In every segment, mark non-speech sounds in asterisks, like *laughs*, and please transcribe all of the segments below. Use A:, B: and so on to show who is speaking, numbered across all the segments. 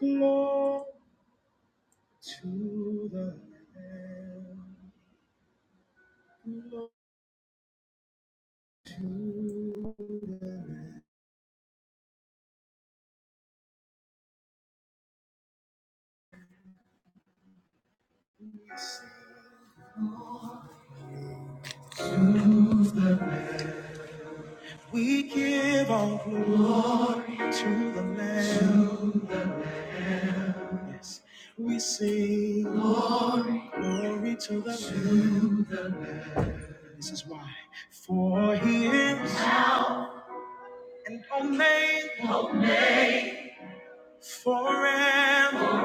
A: Glory to the Lamb. Glory to- We give all glory to the Lamb. Yes, we sing glory to the Lamb. This is why. For he is and only forever.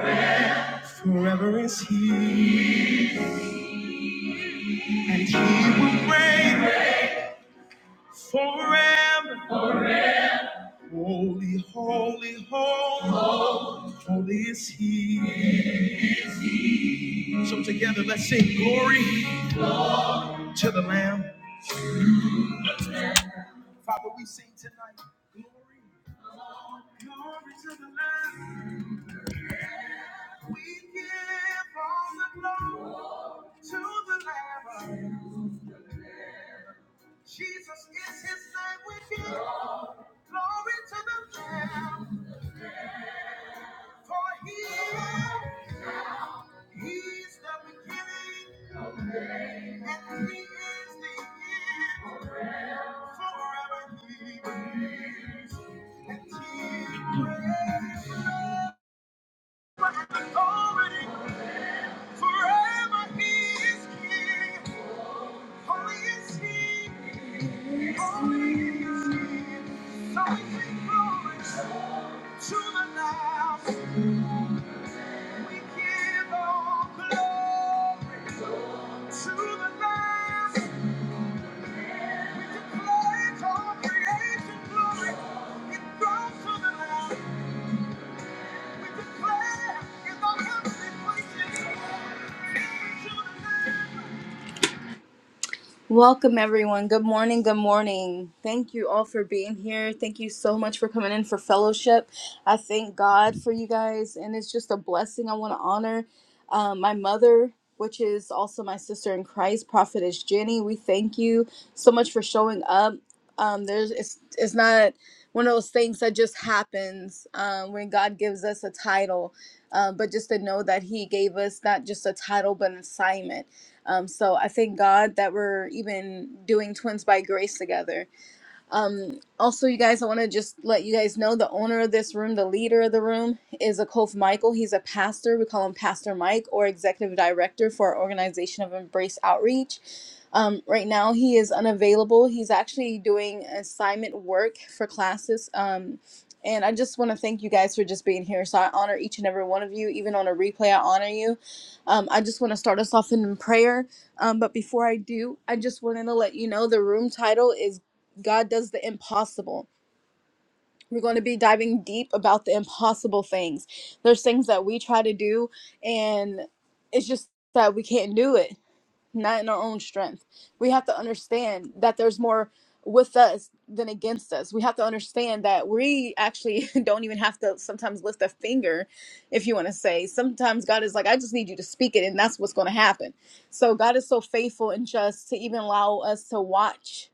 A: Forever is he. And he will reign forever. Holy, holy, holy, holy is he. So together, let's sing glory to the Lamb. Father, we sing tonight. Glory, glory to the Lamb. We give all the glory to the Lamb. Jesus is his name. We give glory to the Lamb. For he, he's the beginning and he is the end. Forever he is and he reigns. To the Lamb, we give all glory. To the Lamb, we declare all creation glory. It goes to the Lamb. We declare in the heavenly places. Glory to the Lamb. Welcome, everyone. Good morning. Good morning. Thank you all for being here. Thank you so much for coming in for fellowship. I thank God for you guys, and it's just a blessing. I want to honor um, my mother, which is also my sister in Christ, Prophetess Jenny. We thank you so much for showing up. Um, there's it's it's not one of those things that just happens um, when God gives us a title, um, but just to know that He gave us not just a title but an assignment um, so I thank God that we're even doing Twins by Grace together um, also, you guys, I want to just let you guys know the owner of this room, the leader of the room, is a Kof Michael. He's a pastor. We call him Pastor Mike or executive director for our organization of Embrace Outreach. Um, right now, he is unavailable. He's actually doing assignment work for classes. Um, and I just want to thank you guys for just being here. So I honor each and every one of you. Even on a replay, I honor you. Um, I just want to start us off in prayer. Um, but before I do, I just wanted to let you know the room title is. God does the impossible. We're going to be diving deep about the impossible things. There's things that we try to do, and it's just that we can't do it, not in our own strength. We have to understand that there's more with us than against us. We have to understand that we actually *laughs* don't even have to sometimes lift a finger, if you want to say. Sometimes God is like, I just need you to speak it, and that's what's going to happen. So God is so faithful and just to even allow us to watch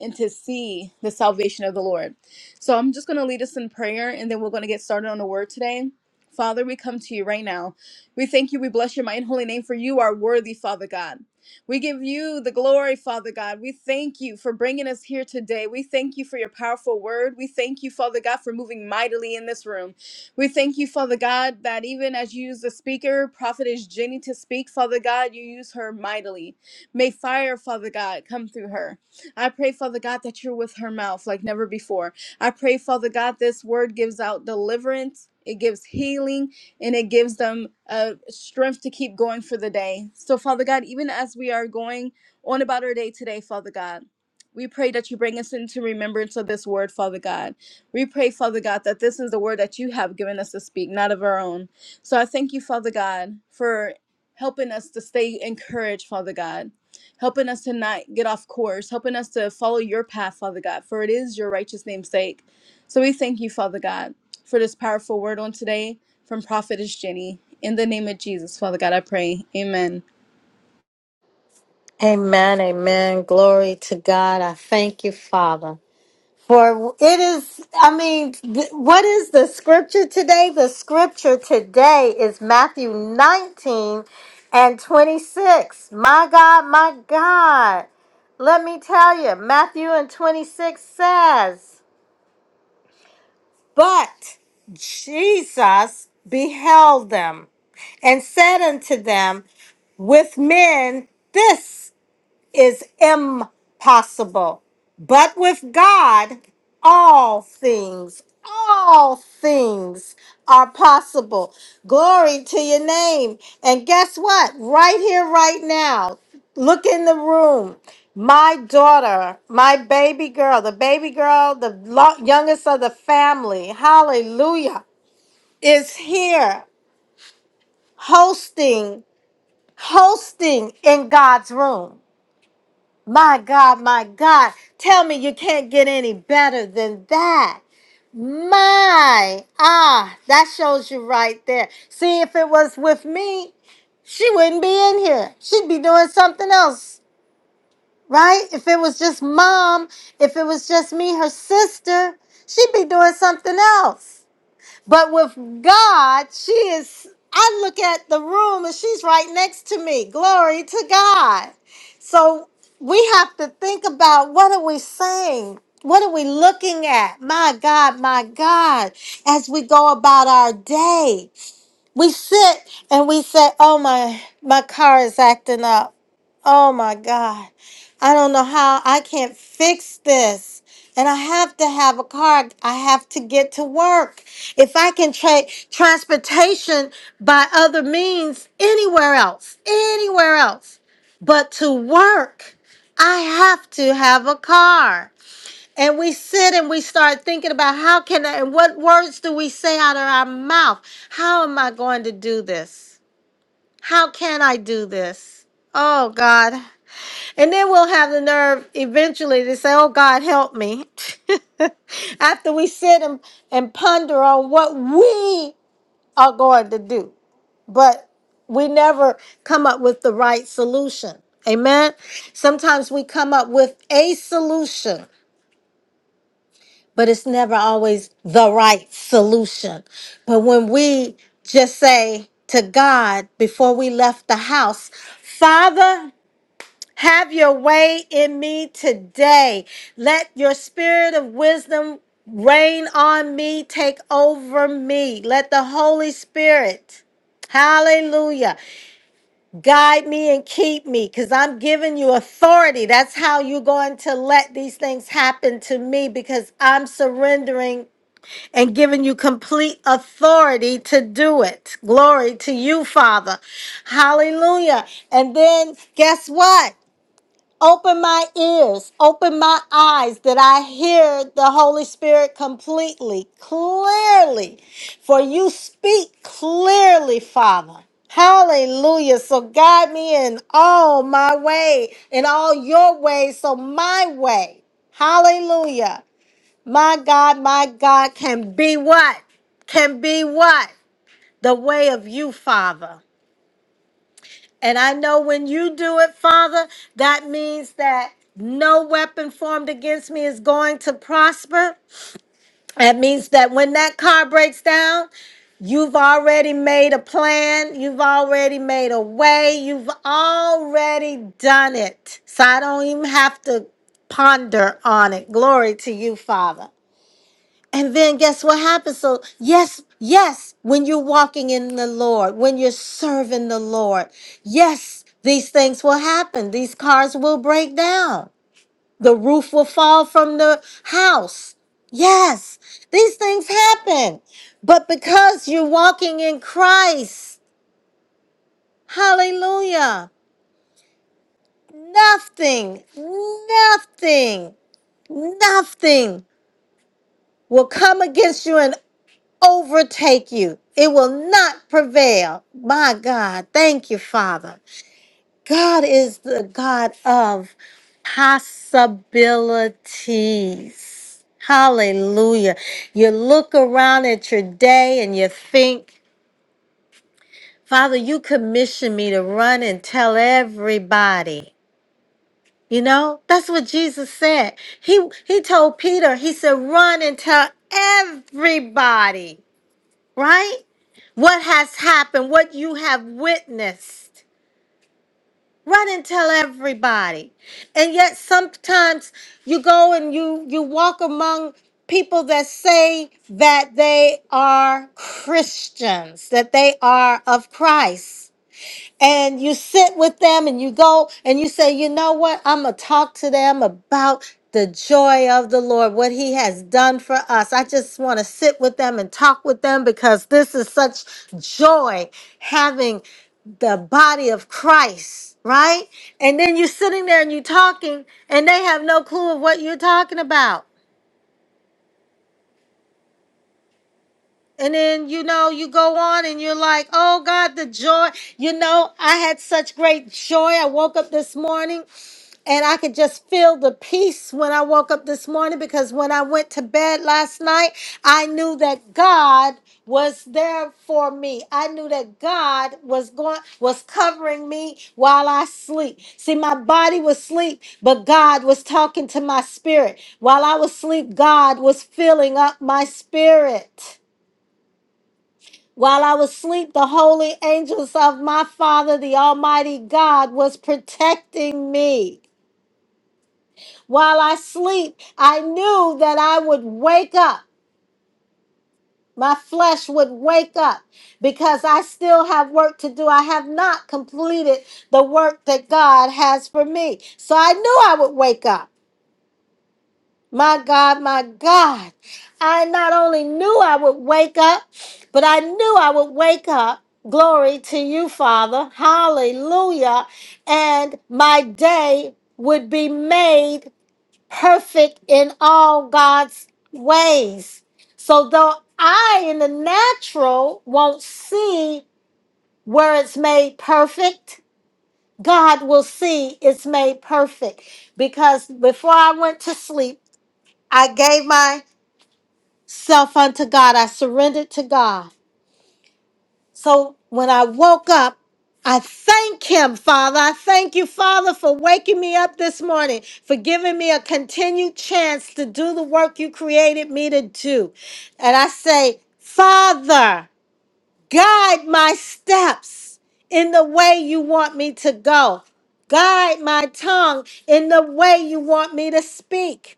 A: and to see the salvation of the Lord. So I'm just going to lead us in prayer and then we're going to get started on the word today. Father, we come to you right now. We thank you. We bless your mighty and holy name for you are worthy, Father God. We give you the glory, Father God. We thank you for bringing us here today. We thank you for your powerful word. We thank you, Father God, for moving mightily in this room. We thank you, Father God, that even as you use the speaker, Prophetess Jenny, to speak, Father God, you use her mightily. May fire, Father God, come through her. I pray, Father God, that you're with her mouth like never before. I pray, Father God, this word gives out deliverance, it gives healing, and it gives them uh, strength to keep going for the day. So, Father God, even as we are going on about our day today, Father God, we pray that you bring us into remembrance of this word, Father God. We pray, Father God, that this is the word that you have given us to speak, not of our own. So I thank you, Father God, for helping us to stay encouraged, Father God helping us to not get off course, helping us to follow your path, Father God, for it is your righteous name's sake. So we thank you, Father God, for this powerful word on today from Prophetess Jenny. In the name of Jesus, Father God, I pray. Amen.
B: Amen, amen. Glory to God. I thank you, Father. For it is, I mean, th- what is the scripture today? The scripture today is Matthew 19 and 26. My God, my God. Let me tell you, Matthew and 26 says, But Jesus beheld them and said unto them, With men, this is impossible. But with God, all things, all things are possible. Glory to your name. And guess what? Right here, right now, look in the room. My daughter, my baby girl, the baby girl, the lo- youngest of the family, hallelujah, is here hosting, hosting in God's room. My God, my God. Tell me you can't get any better than that. My, ah, that shows you right there. See, if it was with me, she wouldn't be in here. She'd be doing something else, right? If it was just mom, if it was just me, her sister, she'd be doing something else. But with God, she is, I look at the room and she's right next to me. Glory to God. So we have to think about what are we saying? What are we looking at? My God, my God, as we go about our day. We sit and we say, Oh my my car is acting up. Oh my God. I don't know how I can't fix this. And I have to have a car. I have to get to work if I can take transportation by other means anywhere else, anywhere else, but to work, I have to have a car. And we sit and we start thinking about how can I, and what words do we say out of our mouth? How am I going to do this? How can I do this? Oh God. And then we'll have the nerve eventually to say, Oh God, help me. *laughs* After we sit and, and ponder on what we are going to do. But we never come up with the right solution. Amen. Sometimes we come up with a solution, but it's never always the right solution. But when we just say to God before we left the house, Father, have your way in me today. Let your spirit of wisdom reign on me, take over me. Let the Holy Spirit, hallelujah, guide me and keep me because I'm giving you authority. That's how you're going to let these things happen to me because I'm surrendering and giving you complete authority to do it. Glory to you, Father. Hallelujah. And then guess what? Open my ears, open my eyes that I hear the Holy Spirit completely, clearly. For you speak clearly, Father. Hallelujah. So guide me in all my way, in all your ways, so my way. Hallelujah. My God, my God can be what? Can be what? The way of you, Father. And I know when you do it, Father, that means that no weapon formed against me is going to prosper. That means that when that car breaks down, you've already made a plan, you've already made a way, you've already done it. So I don't even have to ponder on it. Glory to you, Father. And then guess what happens? So, yes, yes, when you're walking in the Lord, when you're serving the Lord, yes, these things will happen. These cars will break down. The roof will fall from the house. Yes, these things happen. But because you're walking in Christ, hallelujah, nothing, nothing, nothing will come against you in overtake you. It will not prevail. My God, thank you, Father. God is the God of possibilities. Hallelujah. You look around at your day and you think, Father, you commissioned me to run and tell everybody. You know, that's what Jesus said. He he told Peter, he said, run and tell everybody right? What has happened, what you have witnessed. Run and tell everybody. And yet sometimes you go and you you walk among people that say that they are Christians, that they are of Christ and you sit with them and you go and you say, you know what? I'm going to talk to them about the joy of the Lord, what He has done for us. I just want to sit with them and talk with them because this is such joy having the body of Christ, right? And then you're sitting there and you're talking, and they have no clue of what you're talking about. And then, you know, you go on and you're like, oh God, the joy. You know, I had such great joy. I woke up this morning and I could just feel the peace when I woke up this morning because when I went to bed last night, I knew that God was there for me. I knew that God was going was covering me while I sleep. See, my body was asleep, but God was talking to my spirit. While I was asleep, God was filling up my spirit. While I was asleep, the holy angels of my Father, the Almighty God, was protecting me. While I sleep, I knew that I would wake up. My flesh would wake up because I still have work to do. I have not completed the work that God has for me. So I knew I would wake up. My God, my God. I not only knew I would wake up, but I knew I would wake up. Glory to you, Father. Hallelujah. And my day would be made perfect in all God's ways. So, though I in the natural won't see where it's made perfect, God will see it's made perfect. Because before I went to sleep, I gave my self unto God. I surrendered to God. So when I woke up, I thank Him, Father. I thank you, Father, for waking me up this morning, for giving me a continued chance to do the work you created me to do. And I say, Father, guide my steps in the way you want me to go. Guide my tongue in the way you want me to speak.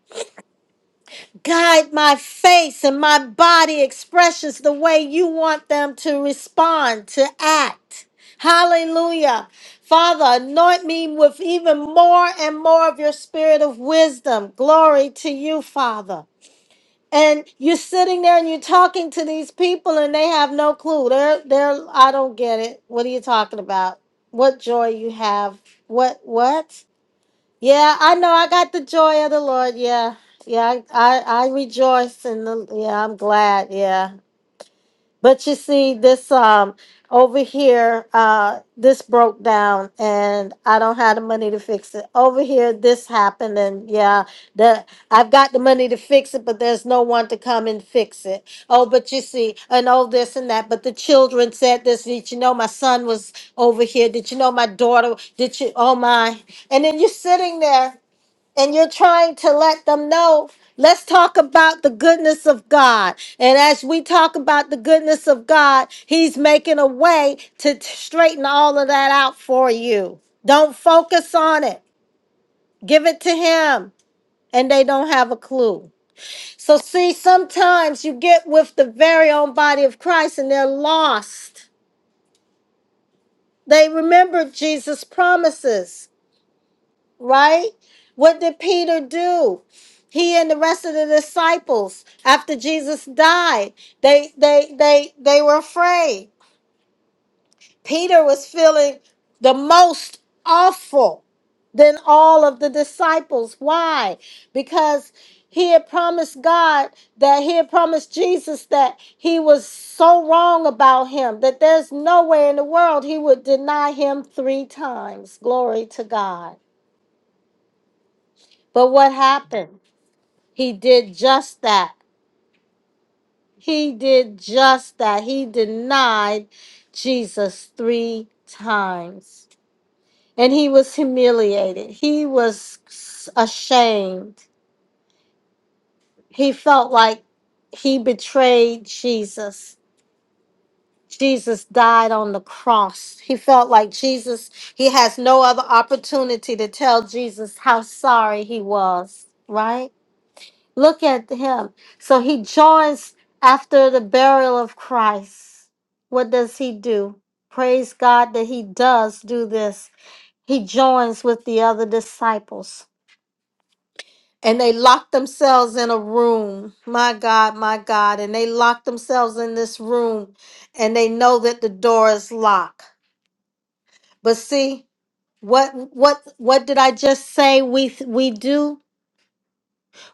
B: Guide my face and my body expressions the way you want them to respond, to act. Hallelujah. Father, anoint me with even more and more of your spirit of wisdom. Glory to you, Father. And you're sitting there and you're talking to these people and they have no clue. They're they're I don't get it. What are you talking about? What joy you have? What what? Yeah, I know. I got the joy of the Lord. Yeah, yeah. I I, I rejoice and yeah, I'm glad. Yeah, but you see, this um over here, uh, this broke down, and I don't have the money to fix it. Over here, this happened, and yeah, the I've got the money to fix it, but there's no one to come and fix it. Oh, but you see, and all this and that. But the children said this. Did you know my son was over here? Did you know my daughter? Did you? Oh my! And then you're sitting there and you're trying to let them know. Let's talk about the goodness of God. And as we talk about the goodness of God, He's making a way to t- straighten all of that out for you. Don't focus on it, give it to Him. And they don't have a clue. So, see, sometimes you get with the very own body of Christ and they're lost. They remember Jesus' promises right? What did Peter do? He and the rest of the disciples, after Jesus died, they they they they were afraid. Peter was feeling the most awful than all of the disciples. Why? Because he had promised God that he had promised Jesus that he was so wrong about him that there's no way in the world he would deny him three times. Glory to God. But what happened? He did just that. He did just that. He denied Jesus three times. And he was humiliated. He was ashamed. He felt like he betrayed Jesus. Jesus died on the cross. He felt like Jesus, he has no other opportunity to tell Jesus how sorry he was, right? Look at him. So he joins after the burial of Christ. What does he do? Praise God that he does do this. He joins with the other disciples. And they lock themselves in a room. My God, my God. And they lock themselves in this room and they know that the door is locked. But see, what what what did I just say we we do?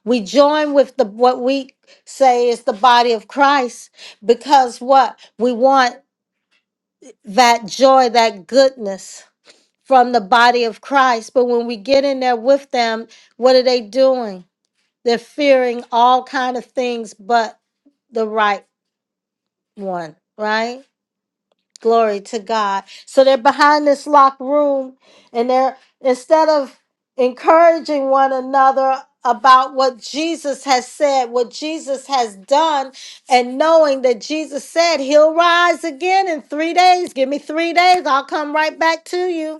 B: We join with the what we say is the body of Christ because what we want that joy, that goodness from the body of Christ. But when we get in there with them, what are they doing? They're fearing all kind of things but the right one, right? Glory to God. So they're behind this locked room and they're instead of encouraging one another about what Jesus has said, what Jesus has done, and knowing that Jesus said he'll rise again in three days. Give me three days, I'll come right back to you.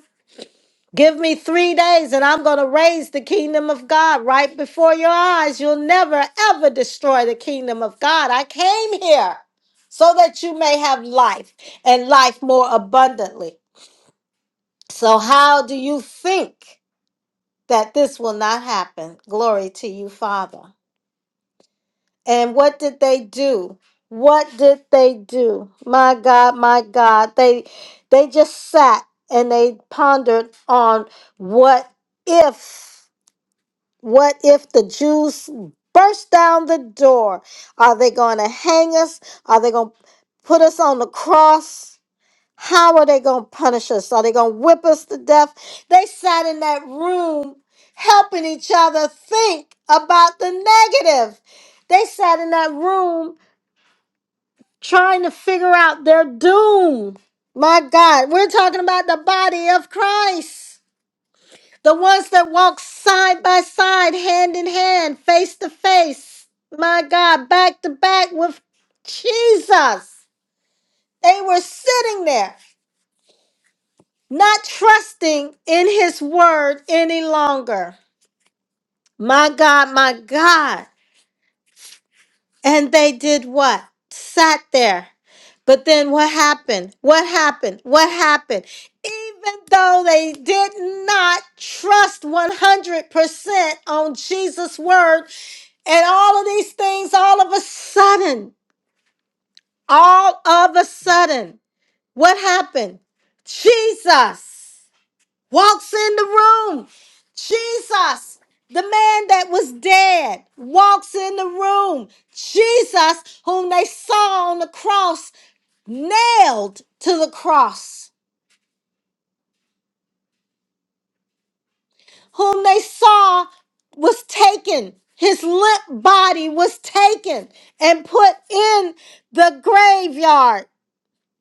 B: Give me three days and I'm going to raise the kingdom of God right before your eyes. You'll never, ever destroy the kingdom of God. I came here so that you may have life and life more abundantly. So, how do you think that this will not happen? Glory to you, Father. And what did they do? What did they do? My God, my God. They they just sat and they pondered on what if What if the Jews burst down the door? Are they going to hang us? Are they going to put us on the cross? How are they going to punish us? Are they going to whip us to death? They sat in that room helping each other think about the negative. They sat in that room trying to figure out their doom. My God, we're talking about the body of Christ. The ones that walk side by side, hand in hand, face to face, my God, back to back with Jesus. They were sitting there, not trusting in his word any longer. My God, my God. And they did what? Sat there. But then what happened? What happened? What happened? Even though they did not trust 100% on Jesus' word, And all of these things, all of a sudden, all of a sudden, what happened? Jesus walks in the room. Jesus, the man that was dead, walks in the room. Jesus, whom they saw on the cross, nailed to the cross, whom they saw was taken. His limp body was taken and put in the graveyard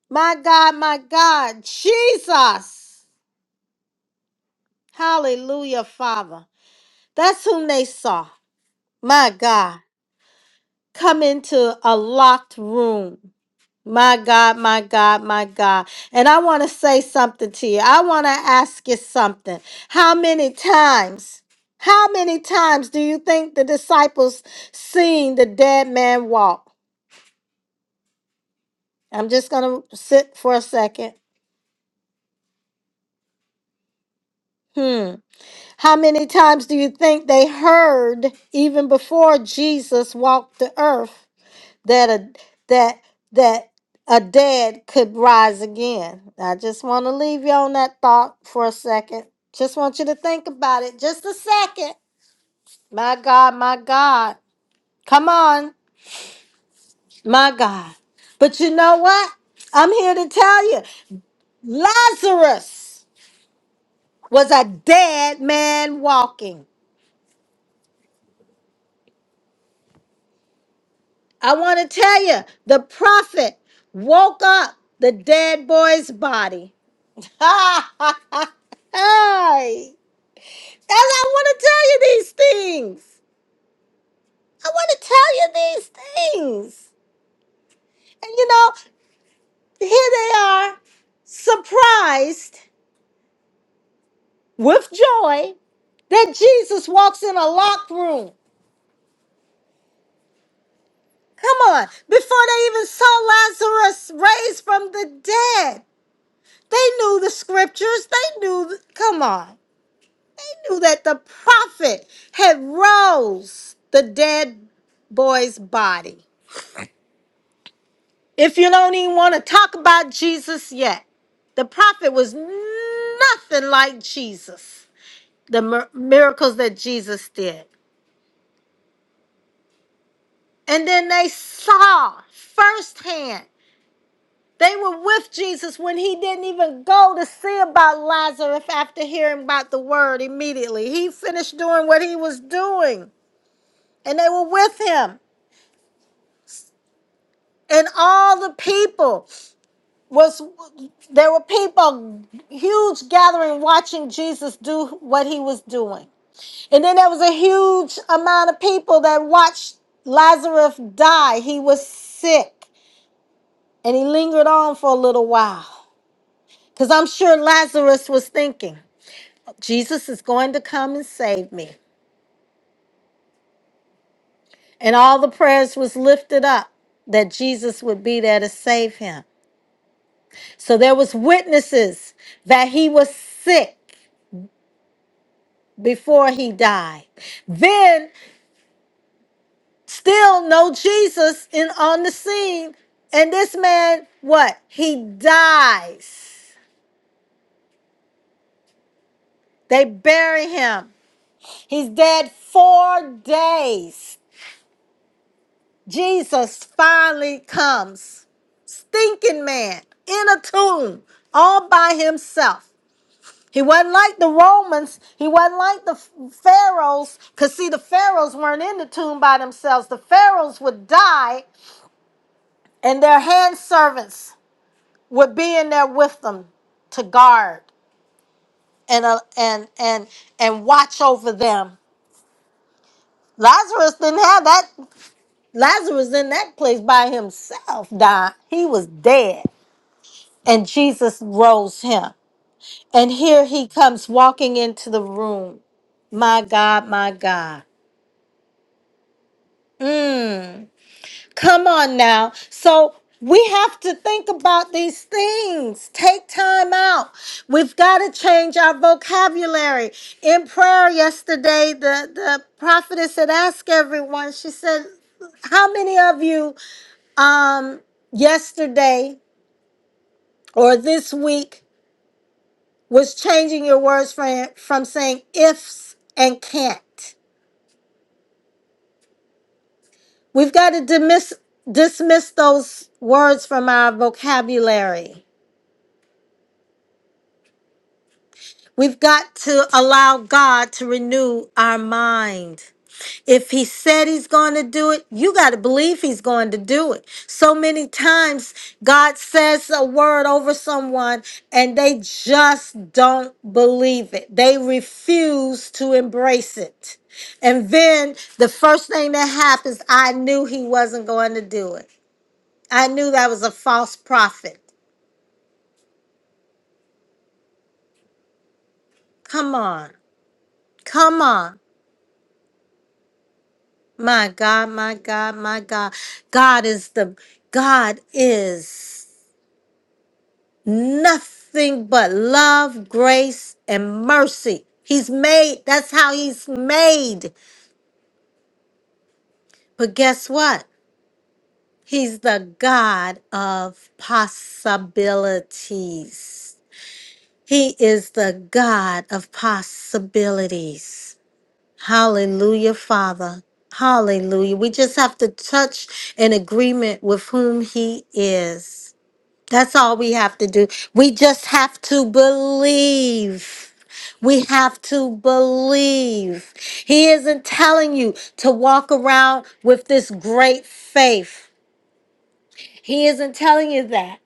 B: My God, my God, Jesus. Hallelujah, Father. That's whom they saw. My God, come into a locked room. My God, my God, my God. And I want to say something to you. I want to ask you something. How many times, how many times do you think the disciples seen the dead man walk? I'm just going to sit for a second. Hmm. How many times do you think they heard even before Jesus walked the earth that a that that a dead could rise again? I just want to leave you on that thought for a second. Just want you to think about it just a second. My God, my God. Come on, my God. But you know what? I'm here to tell you. Lazarus was a dead man walking. I want to tell you, the prophet woke up the dead boy's body. *laughs* hey, and I want to tell you these things. I want to tell you these things. And you know, here they are, surprised with joy that Jesus walks in a locked room. Come on, before they even saw Lazarus raised from the dead, they knew the scriptures. They knew, come on. They knew that the prophet had rose the dead boy's body. If you don't even want to talk about Jesus yet, the prophet was nothing like Jesus, the mir- miracles that Jesus did. And then they saw firsthand. They were with Jesus when he didn't even go to see about Lazarus after hearing about the word immediately. He finished doing what he was doing, and they were with him. and all the people was there were people huge gathering watching jesus do what he was doing and then there was a huge amount of people that watched lazarus die he was sick and he lingered on for a little while because i'm sure lazarus was thinking jesus is going to come and save me and all the prayers was lifted up that jesus would be there to save him So there was witnesses that he was sick before he died. Then still no Jesus in on the scene. And this man, what? He dies. They bury him. He's dead four days. Jesus finally comes. Stinking man in a tomb all by himself. He wasn't like the Romans. He wasn't like the pharaohs. Because, see, the pharaohs weren't in the tomb by themselves. The pharaohs would die, and their hand servants would be in there with them to guard and, uh, and, and, and watch over them. Lazarus didn't have that. Lazarus in that place by himself died. He was dead. And Jesus rose him. And here he comes walking into the room. My God, my God. Mm, come on now. So we have to think about these things. Take time out. We've got to change our vocabulary. In prayer yesterday, the, the prophetess had asked everyone, she said, How many of you um, yesterday or this week was changing your words from, from saying ifs and can't? We've got to dismiss, dismiss those words from our vocabulary. We've got to allow God to renew our mind. If he said he's going to do it, you got to believe he's going to do it. So many times God says a word over someone and they just don't believe it. They refuse to embrace it. And then the first thing that happens, I knew he wasn't going to do it. I knew that was a false prophet. Come on. Come on. My God, my God, my God. God is the God is nothing but love, grace, and mercy. He's made, that's how he's made. But guess what? He's the God of possibilities. He is the God of possibilities. Hallelujah, Father. Hallelujah. We just have to touch an agreement with whom He is. That's all we have to do. We just have to believe. We have to believe. He isn't telling you to walk around with this great faith. He isn't telling you that.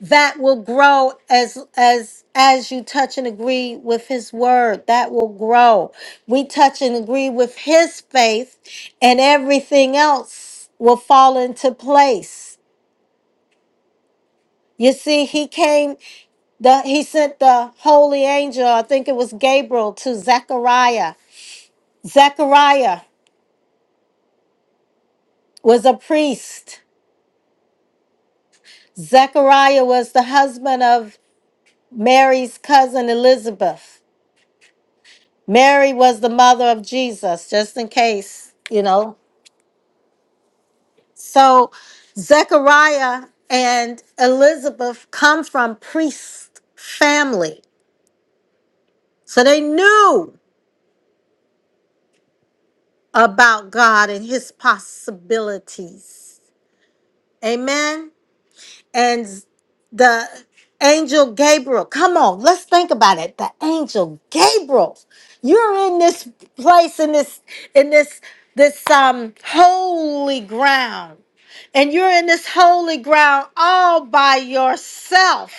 B: That will grow as as as you touch and agree with his word. That will grow. We touch and agree with his faith and everything else will fall into place. You see, he came The, he sent the holy angel, I think it was Gabriel, to Zechariah. Zechariah was a priest. Zechariah was the husband of Mary's cousin Elizabeth. Mary was the mother of Jesus, just in case, you know. So Zechariah and Elizabeth come from priest family. So they knew about God and his possibilities. Amen. and the angel Gabriel. Come on, let's think about it. The angel Gabriel. You're in this place in this in this this um holy ground. And you're in this holy ground all by yourself.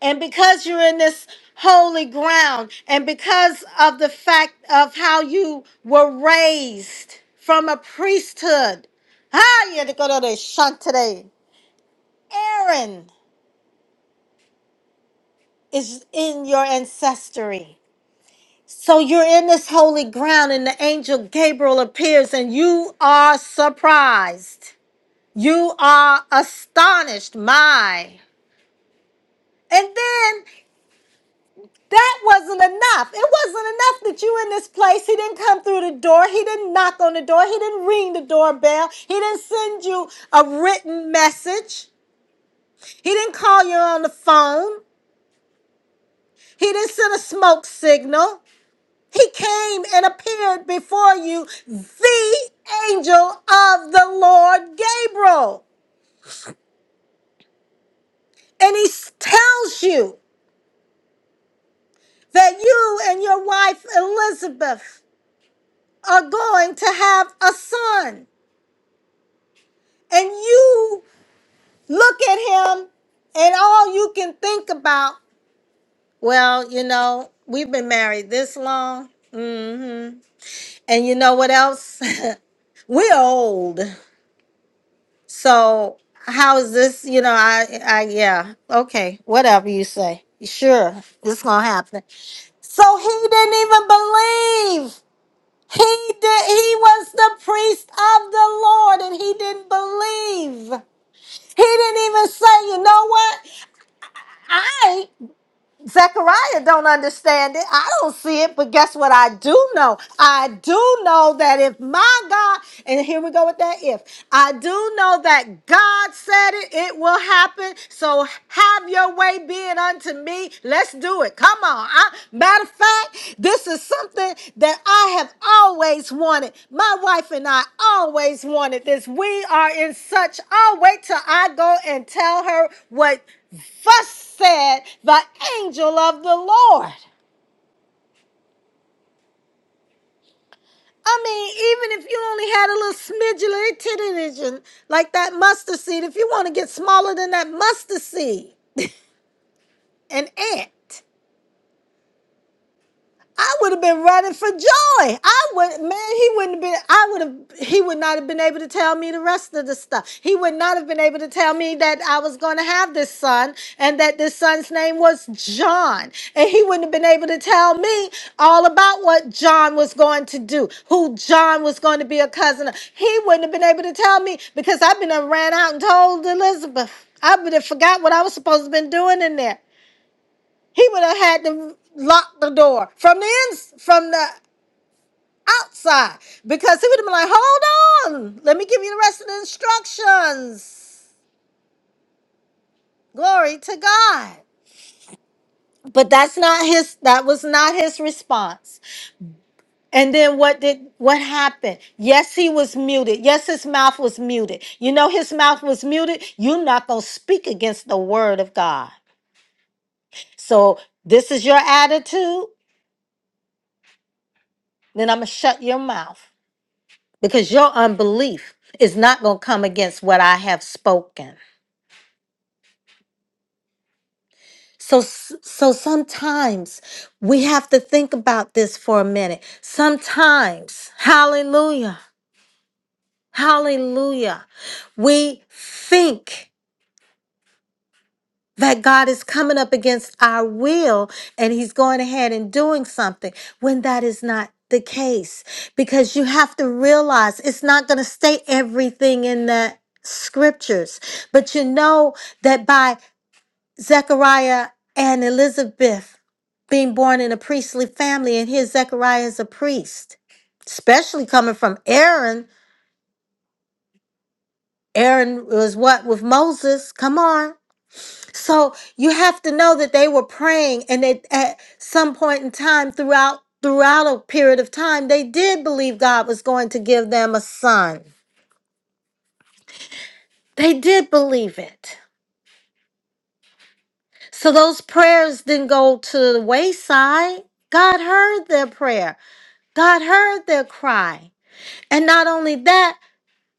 B: And because you're in this holy ground and because of the fact of how you were raised from a priesthood. Ah, you had to go to the shunt today. Aaron. is in your ancestry. So you're in this holy ground, and the angel Gabriel appears, and you are surprised. You are astonished. My. And then that wasn't enough. It wasn't enough that you in this place. He didn't come through the door. He didn't knock on the door. He didn't ring the doorbell. He didn't send you a written message. He didn't call you on the phone. He didn't send a smoke signal. He came and appeared before you, the angel of the Lord Gabriel. And he s- tells you that you and your wife Elizabeth are going to have a son. And you look at him, and all you can think about, well, you know, we've been married this long. hmm And you know what else? *laughs* We're old. So how is this? You know, I, I, yeah, okay, whatever you say. Sure, it's gonna happen. So he didn't even believe. He did. He was the priest of the Lord, and he didn't believe. He didn't even say, you know what? Zechariah don't understand it. I don't see it, but guess what? I do know. I do know that if my God, and here we go with that if, I do know that God said it, it will happen. So have your way be it unto me. Let's do it. Come on. I, matter of fact, this is something that I have always wanted. My wife and I always wanted this. We are in such, oh, wait till I go and tell her what Thus said the angel of the Lord. I mean, even if you only had a little smidgen, itty bitty, bitty, like that mustard seed, if you want to get smaller than that mustard seed, an ant. I would have been running for joy. I would, man, he wouldn't have been, I would have, he would not have been able to tell me the rest of the stuff. He would not have been able to tell me that I was going to have this son and that this son's name was John. And he wouldn't have been able to tell me all about what John was going to do, who John was going to be a cousin of. He wouldn't have been able to tell me because I've been done ran out and told Elizabeth. I would have forgot what I was supposed to have been doing in there. He would have had to lock the door from the ins from the outside because he would have been like, "Hold on, let me give you the rest of the instructions." Glory to God. But that's not his. That was not his response. And then what did what happened? Yes, he was muted. Yes, his mouth was muted. You know, his mouth was muted. You're not gonna speak against the word of God. So this is your attitude. Then I'm gonna shut your mouth. because your unbelief is not going to come against what I have spoken. So so sometimes we have to think about this for a minute. Sometimes, hallelujah. Hallelujah. We think that God is coming up against our will and he's going ahead and doing something when that is not the case because you have to realize it's not going to state everything in the scriptures but you know that by Zechariah and Elizabeth being born in a priestly family, and here Zechariah is a priest, especially coming from Aaron. Aaron was what with Moses? Come on. So you have to know that they were praying, and they, at some point in time throughout throughout a period of time, they did believe God was going to give them a son. They did believe it. So those prayers didn't go to the wayside. God heard their prayer. God heard their cry. And not only that,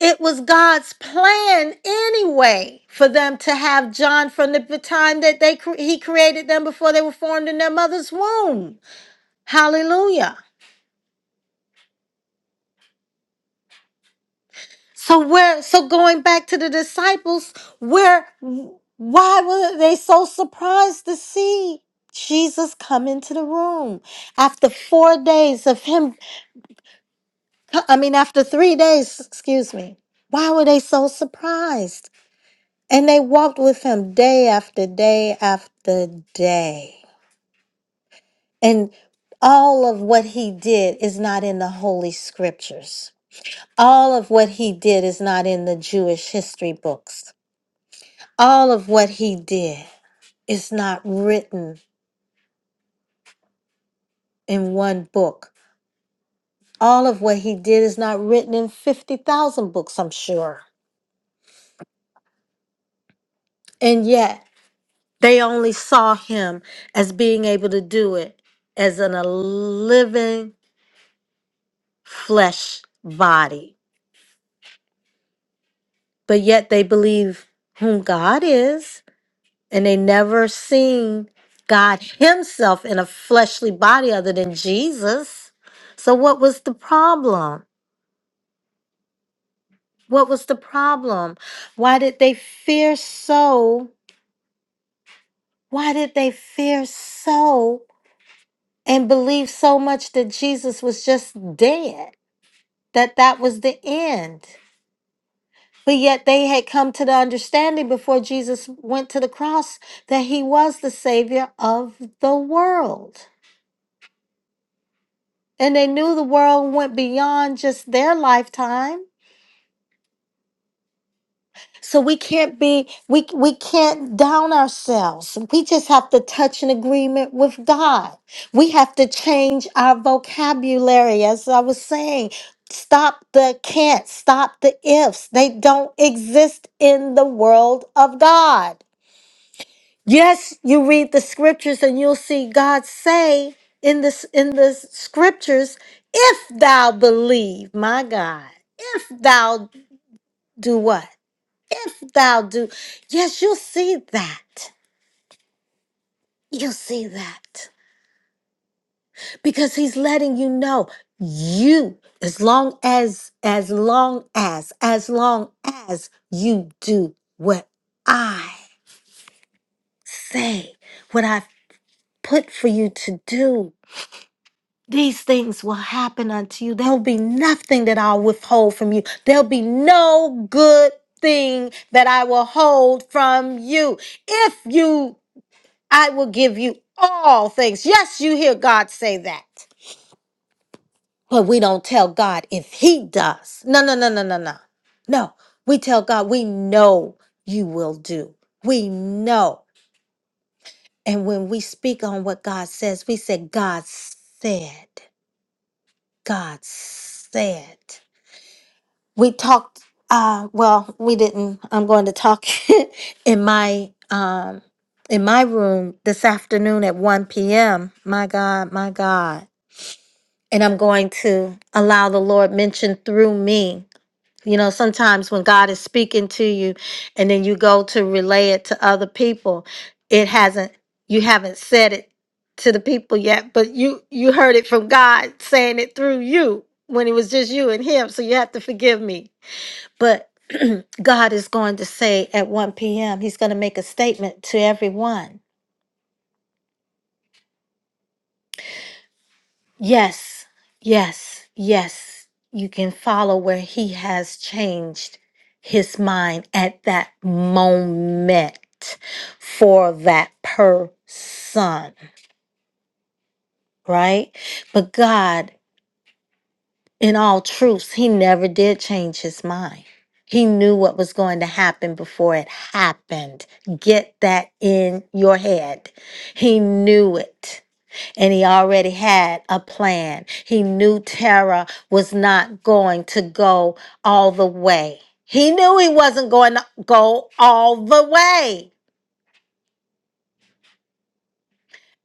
B: it was God's plan anyway for them to have John from the time that they cre- he created them before they were formed in their mother's womb. Hallelujah. So where so going back to the disciples, where why were they so surprised to see Jesus come into the room after 4 days of him I mean after 3 days, excuse me. Why were they so surprised? And they walked with him day after day after day. And all of what he did is not in the Holy Scriptures. All of what he did is not in the Jewish history books. All of what he did is not written in one book. All of what he did is not written in 50,000 books, I'm sure. And yet, they only saw him as being able to do it as an, a living flesh body, but yet they believe whom God is, and they never seen God Himself in a fleshly body other than Jesus. So, what was the problem? What was the problem? Why did they fear so? Why did they fear so and believe so much that Jesus was just dead? That that was the end. But yet they had come to the understanding before Jesus went to the cross that he was the savior of the world. And they knew the world went beyond just their lifetime. So we can't be we we can't down ourselves. We just have to touch an agreement with God. We have to change our vocabulary as I was saying. Stop the can't, stop the ifs. They don't exist in the world of God. Yes, you read the scriptures and you'll see God say in this in the scriptures, if thou believe, my God, if thou do what? If thou do. Yes, you'll see that. You'll see that. Because he's letting you know you as long as as long as as long as you do what I say, what I've put for you to do These things will happen unto you. There'll be nothing that I'll withhold from you. There'll be no good thing that I will hold from you. If you, I will give you all things. Yes, you hear God say that. But we don't tell God if He does. No, no, no, no, no, no. No, we tell God, we know you will do. We know. And when we speak on what God says, we say, God said, God said. we talked uh well we didn't i'm going to talk *laughs* in my um in my room this afternoon at 1 p.m my god my god and i'm going to allow the lord mention through me you know sometimes when god is speaking to you and then you go to relay it to other people it hasn't you haven't said it to the people yet but you you heard it from god saying it through you when it was just you and him so you have to forgive me but *clears throat* God is going to say at 1 p.m., He's going to make a statement to everyone. Yes, yes, yes, you can follow where He has changed His mind at that moment for that person, right? But God In all truths, he never did change his mind. He knew what was going to happen before it happened. Get that in your head. He knew it. And he already had a plan. He knew Tara was not going to go all the way. He knew he wasn't going to go all the way.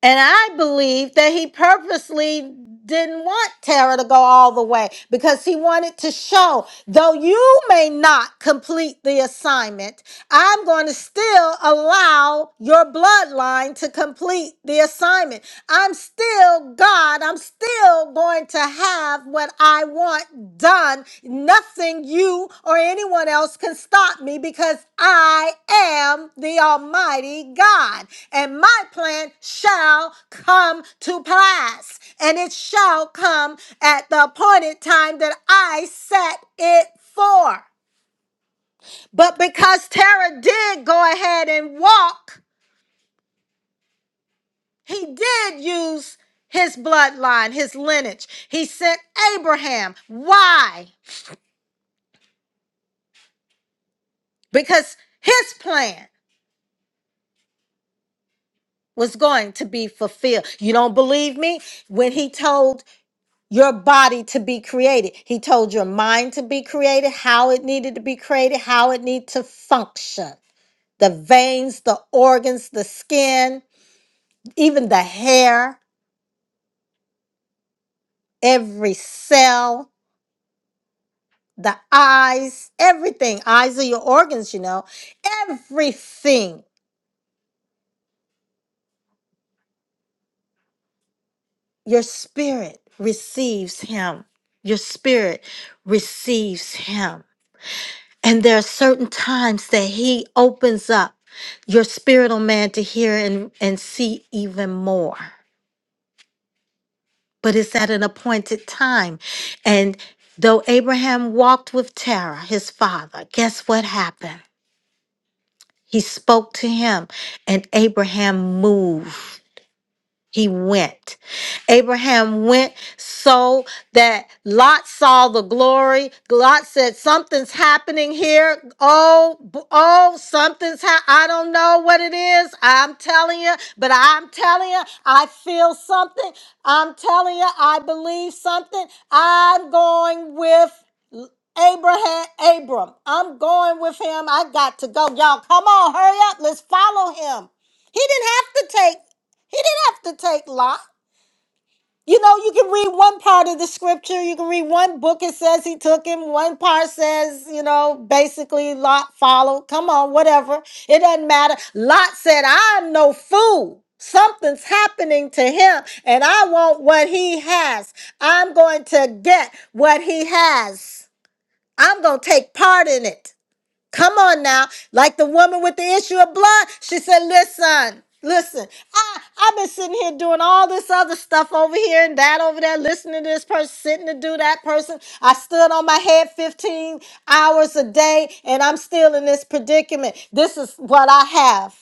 B: And I believe that he purposely didn't want Tara to go all the way because he wanted to show, though you may not complete the assignment, I'm going to still allow your bloodline to complete the assignment. I'm still God. I'm still going to have have what I want done. Nothing you or anyone else can stop me because I am the Almighty God, and my plan shall come to pass, and it shall come at the appointed time that I set it for. But because Terah did go ahead and walk, he did use his bloodline, his lineage. He sent Abraham. Why? because his plan was going to be fulfilled. You don't believe me? When he told your body to be created, he told your mind to be created, how it needed to be created, how it needed to function. The veins, the organs, the skin, even the hair, every cell, the eyes, everything. Eyes are your organs, you know. Everything Your spirit receives him. Your spirit receives him. And there are certain times that he opens up your spiritual man to hear and, and see even more. But it's at an appointed time. And though Abraham walked with Terah, his father, guess what happened? He spoke to him, and Abraham moved. He went. Abraham went so that Lot saw the glory. Lot said, "Something's happening here. Oh, b- oh, something's ha- I don't know what it is. I'm telling you, but I'm telling you, I feel something. I'm telling you, I believe something. I'm going with Abraham, Abram. I'm going with him. I got to go. Y'all, come on, hurry up. Let's follow him. He didn't have to take. He didn't have to take Lot. You know, you can read one part of the scripture, you can read one book, it says he took him, one part says, you know, basically Lot followed. Come on, whatever. It doesn't matter. Lot said, I'm no fool. Something's happening to him, and I want what he has. I'm going to get what he has. I'm going to take part in it. Come on now. Like the woman with the issue of blood, she said, Listen, listen, I, I've been sitting here doing all this other stuff over here and that over there, listening to this person, sitting to do that person. I stood on my head 15 hours a day and I'm still in this predicament. This is what I have.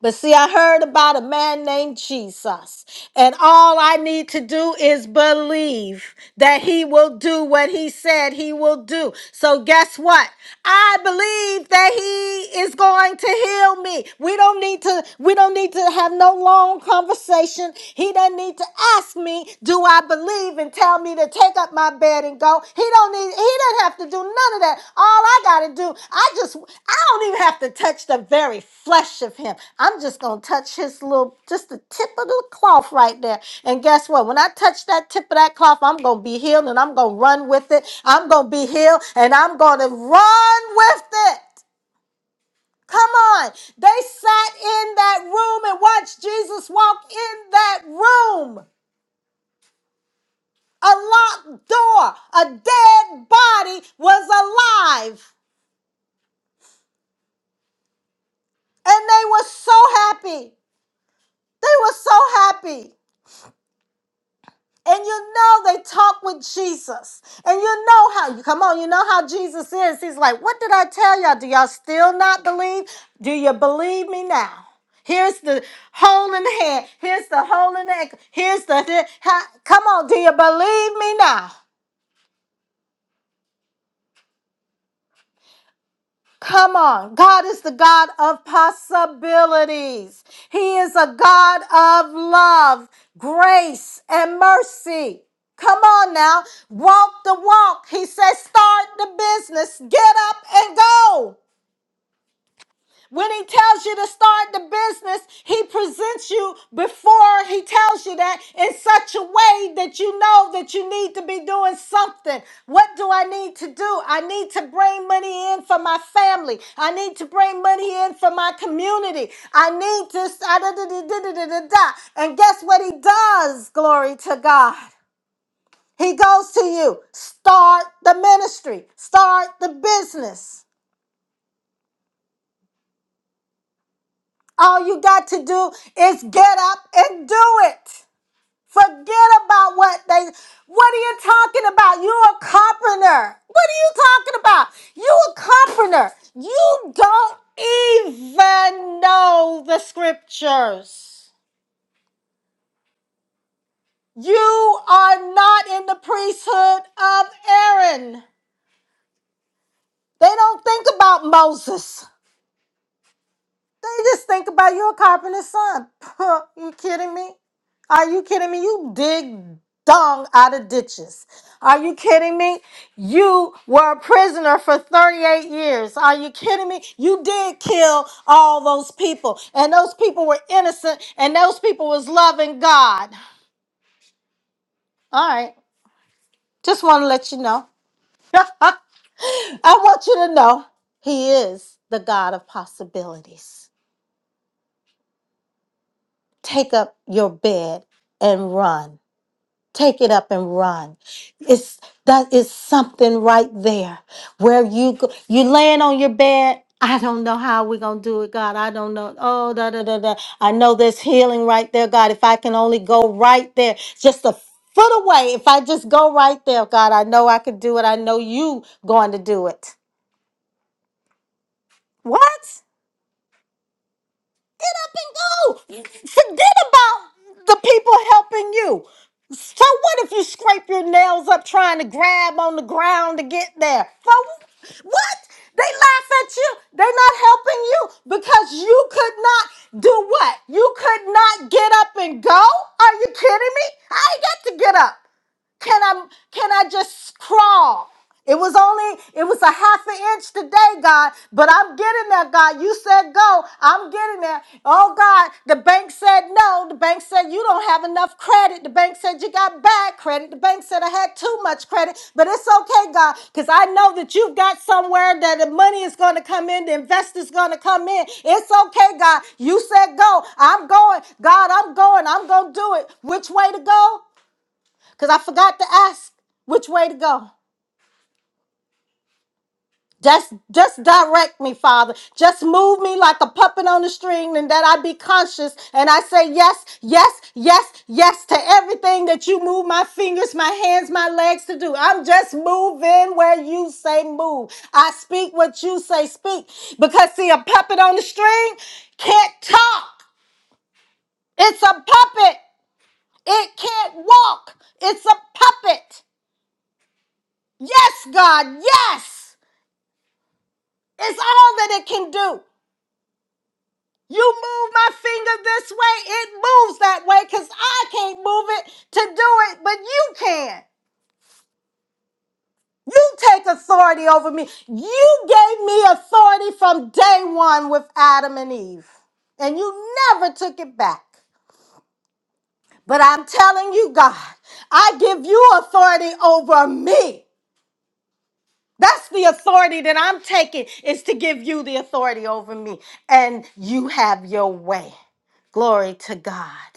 B: But see, I heard about a man named Jesus, and all I need to do is believe that he will do what he said he will do. So, guess what? I believe that he is going to heal me. We don't need to, we don't need to have no long conversation. He doesn't need to ask me, Do I believe? and tell me to take up my bed and go. He don't need he doesn't have to do none of that. All I gotta do, I just I don't even have to touch the very flesh of him. I'm just gonna touch his little just the tip of the cloth right there. And guess what? When I touch that tip of that cloth, I'm gonna be healed and I'm gonna run with it. I'm gonna be healed and I'm gonna run with it. Come on. They sat in that room and watched Jesus walk in that room. a locked door, a dead body was alive. And they were so happy. They were so happy. And you know they talked with Jesus. And you know how you come on, you know how Jesus is. He's like, What did I tell y'all? Do y'all still not believe? Do you believe me now? Here's the hole in the head. Here's the hole in the ankle. Here's the, the- ha- come on, do you believe me now? Come on. God is the God of possibilities. He is a God of love, grace, and mercy. Come on now. Walk the walk. He says, start the business. Get up and go. When he tells you to start the business, he presents you before he tells you that in such a way that you know that you need to be doing something. What do I need to do? I need to bring money in for my family. I need to bring money in for my community. I need to. ah, da, da, da, da, da, da, da. And guess what he does? Glory to God. He goes to you. Start the ministry, start the business. All you got to do is get up and do it. Forget about what they What are you talking about? You're a carpenter. What are you talking about? You a carpenter. You don't even know the scriptures. You are not in the priesthood of Aaron. They don't think about Moses. They just think about you a carpenter's son. *laughs* you kidding me? Are you kidding me? You dig dung out of ditches. Are you kidding me? You were a prisoner for 38 years. Are you kidding me? You did kill all those people, and those people were innocent, and those people was loving God. All right, just want to let you know. *laughs* I want you to know He is the God of possibilities. Take up your bed and run. take it up and run. It's that is something right there where you go, you laying on your bed. I don't know how we're gonna do it, God. I don't know. Oh, da da da da. I know there's healing right there, God. If I can only go right there, just a foot away. If I just go right there, God, I know I could do it. I know you going to do it. What? get up and go. Forget about the people helping you. So what if you scrape your nails up trying to grab on the ground to get there? For what? They laugh at you. They're not helping you because you could not do what? You could not get up and go? Are you kidding me? I ain't got to get up. Can I can I just crawl? It was only it was a half an inch today, God, but I'm getting there, God. You said go. I'm getting there. Oh God, the bank said no. The bank said you don't have enough credit. The bank said you got bad credit. The bank said I had too much credit, but it's okay, God, because I know that you've got somewhere that the money is going to come in, the investor's going to come in. It's okay, God. You said go. I'm going. God, I'm going. I'm going to do it. Which way to go? Because I forgot to ask which way to go. Just just direct me, Father. Just move me like a puppet on the string, and that I be conscious and I say yes, yes, yes, yes to everything that you move my fingers, my hands, my legs to do. I'm just moving where you say move. I speak what you say speak. Because see, a puppet on the string can't talk. It's a puppet. It can't walk. It's a puppet. Yes, God, yes. It's all that it can do. You move my finger this way, it moves that way because I can't move it to do it, but you can. You take authority over me. You gave me authority from day one with Adam and Eve, and you never took it back. But I'm telling you, God, I give you authority over me. That's the authority that I'm taking is to give you the authority over me, and you have your way. Glory to God.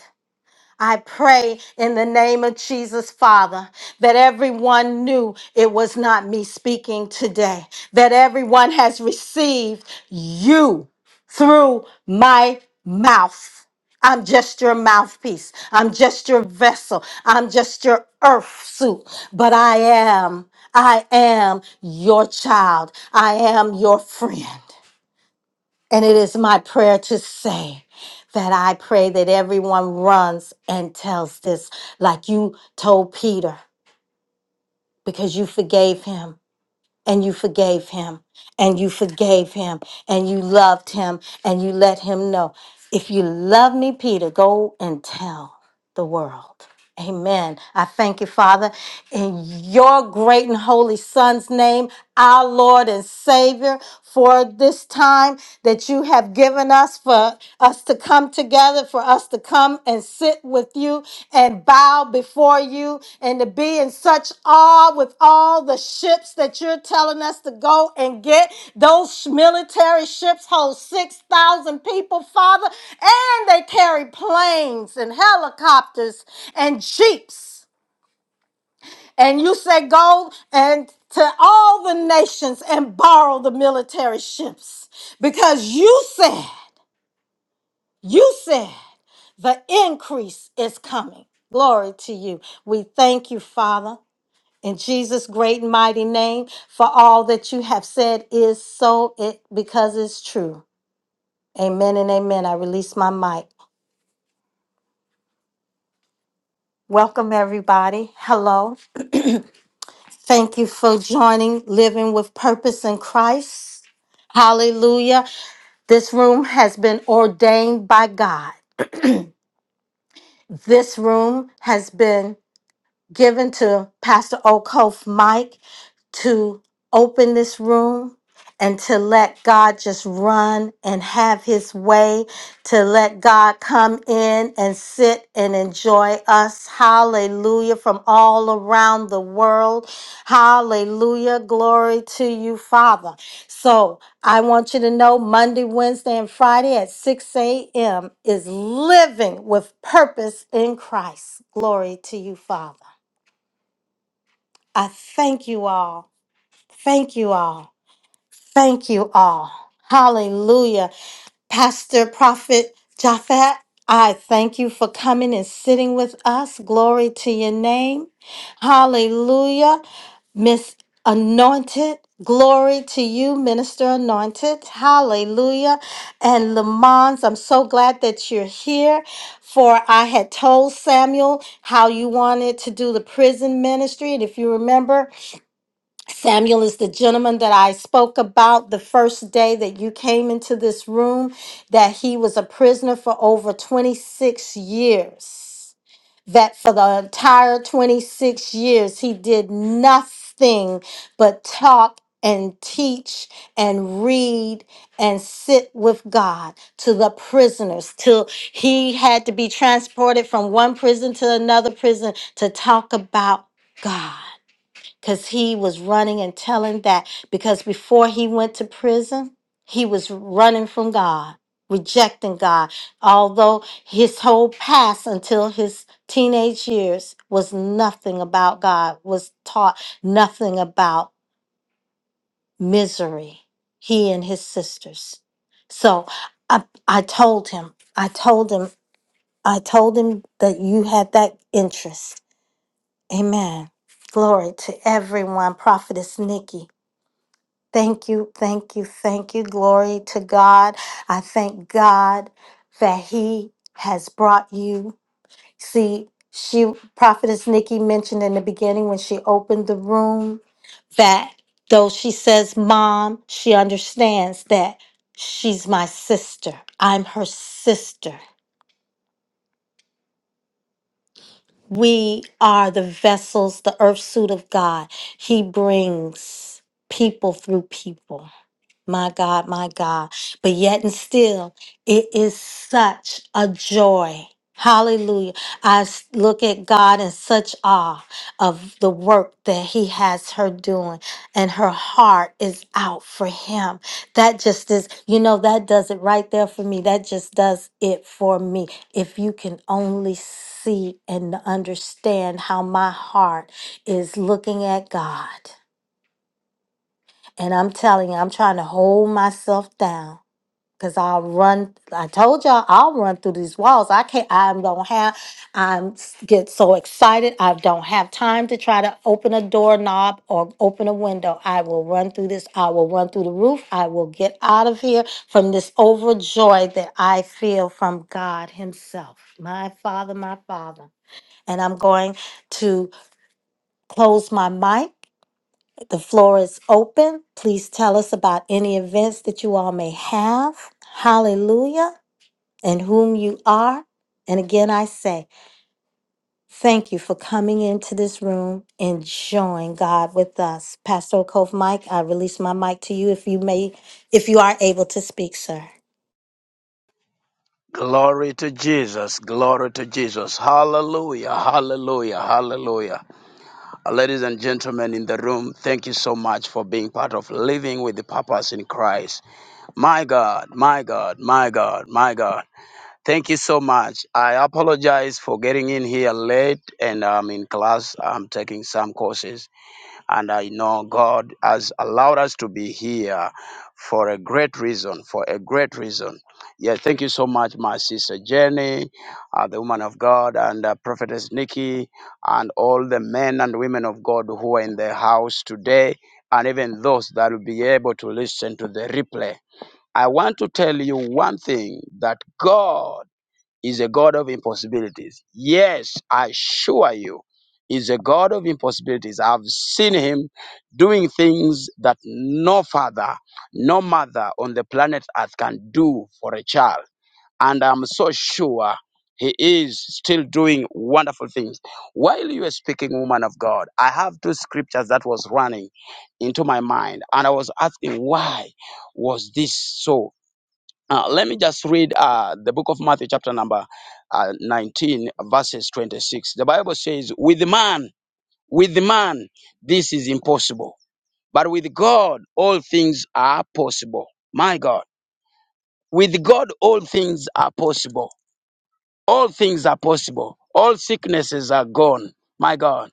B: I pray in the name of Jesus, Father, that everyone knew it was not me speaking today, that everyone has received you through my mouth. I'm just your mouthpiece. I'm just your vessel. I'm just your earth suit. But I am, I am your child. I am your friend. And it is my prayer to say that I pray that everyone runs and tells this, like you told Peter, because you forgave him and you forgave him and you forgave him and you loved him and you let him know if you love me peter go and tell the world amen i thank you father in your great and holy son's name our lord and savior for this time that you have given us for us to come together for us to come and sit with you and bow before for you and to be in such awe with all the ships that you're telling us to go and get. Those military ships hold 6,000 people, Father, and they carry planes and helicopters and jeeps. And you say, Go and to all the nations and borrow the military ships because you said, you said the increase is coming. Glory to you. We thank you, Father. In Jesus' great and mighty name, for all that you have said is so, it because it's true. Amen and amen. I release my mic. Welcome, everybody. Hello. Thank you for joining Living with Purpose in Christ. Hallelujah. This room has been ordained by God. This room has been given to Pastor Okof Mike to open this room and to let God just run and have his way, to let God come in and sit and enjoy us. Hallelujah. From all around the world. Hallelujah. Glory to you, Father. So I want you to know Monday, Wednesday, and Friday at 6 a.m. is living with purpose in Christ. Glory to you, Father. I thank you all. Thank you all. Thank you all. Hallelujah. Pastor Prophet Japhet, I thank you for coming and sitting with us. Glory to your name. Hallelujah. Miss Anointed, glory to you, Minister Anointed. Hallelujah. And Lamons, I'm so glad that you're here. For I had told Samuel how you wanted to do the prison ministry. And if you remember, Samuel is the gentleman that I spoke about the first day that you came into this room, that he was a prisoner for over 26 years. That for the entire 26 years, he did nothing but talk and teach and read and sit with God to the prisoners till he had to be transported from one prison to another prison to talk about God because he was running and telling that because before he went to prison he was running from god rejecting god although his whole past until his teenage years was nothing about god was taught nothing about misery he and his sisters so i i told him i told him i told him that you had that interest amen glory to everyone prophetess nikki Thank you, thank you, thank you. Glory to God. I thank God that He has brought you. See, she, Prophetess Nikki mentioned in the beginning when she opened the room that though she says mom, she understands that she's my sister. I'm her sister. We are the vessels, the earth suit of God. He brings people through people. my God, my God. But yet and still, it is such a joy. Hallelujah. I s- look at God in such awe of the work that He has her doing, and her heart is out for Him. That just is, you know, that does it right there for me. That just does it for me. If you can only see and understand how my heart is looking at God. And I'm telling you, I'm trying to hold myself down Cause I'll run. I told y'all I'll run through these walls. I can't. I don't have. i get so excited. I don't have time to try to open a doorknob or open a window. I will run through this. I will run through the roof. I will get out of here from this overjoy that I feel from God Himself, my Father, my Father. And I'm going to close my mic. The floor is open. Please tell us about any events that you all may have. Hallelujah and whom you are. And again, I say, thank you for coming into this room and join God with us. Pastor Cove Mike, I release my mic to you if you may, if you are able to speak, sir.
C: Glory to Jesus. Glory to Jesus. Hallelujah. Hallelujah. Hallelujah. Uh, Ladies and gentlemen in the room, thank you so much for being part of Living with the Purpose in Christ. My God, my God, my God, my God. Thank you so much. I apologize for getting in here late and I'm in class. I'm taking some courses. And I know God has allowed us to be here for a great reason, for a great reason. Yeah, thank you so much, my sister Jenny, uh, the woman of God, and uh, prophetess Nikki, and all the men and women of God who are in the house today, and even those that will be able to listen to the replay. I want to tell you one thing that God is a God of impossibilities. Yes, I assure you, He's a God of impossibilities. I've seen Him doing things that no father, no mother on the planet Earth can do for a child. And I'm so sure He is still doing wonderful things. While you were speaking, woman of God, I have two scriptures that was running into my mind, and I was asking, why was this so? Uh, let me just read uh, the book of Matthew, chapter number uh, 19, verses 26. The Bible says, With man, with man, this is impossible. But with God, all things are possible. My God. With God, all things are possible all things are possible. All sicknesses are gone. My God.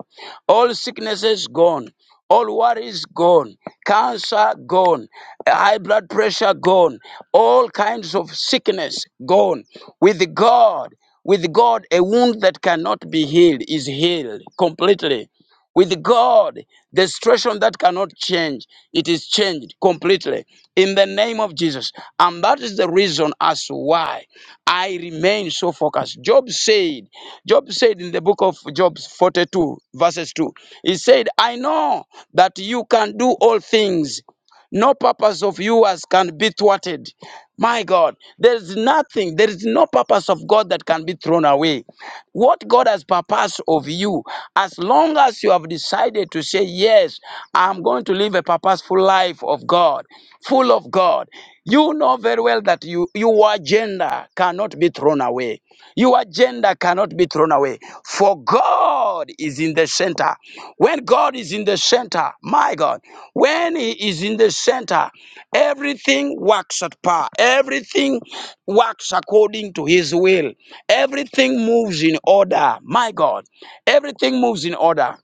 C: All sicknesses gone. All worries gone. Cancer gone. High blood pressure gone. All kinds of sickness gone. With God, with God, a wound that cannot be healed is healed completely. With God, the situation that cannot change, it is changed completely in the name of Jesus. And that is the reason as to why I remain so focused. Job said, Job said in the book of Job 42, verses 2, he said, I know that you can do all things. No purpose of yours can be thwarted. My God, there is nothing, there is no purpose of God that can be thrown away. What God has purposed of you, as long as you have decided to say, Yes, I'm going to live a purposeful life of God, full of God, you know very well that you, your agenda cannot be thrown away. Your agenda cannot be thrown away. For God is in the center. When God is in the center, my God, when He is in the center, everything works at par. Everything works according to His will. Everything moves in order, my God. Everything moves in order.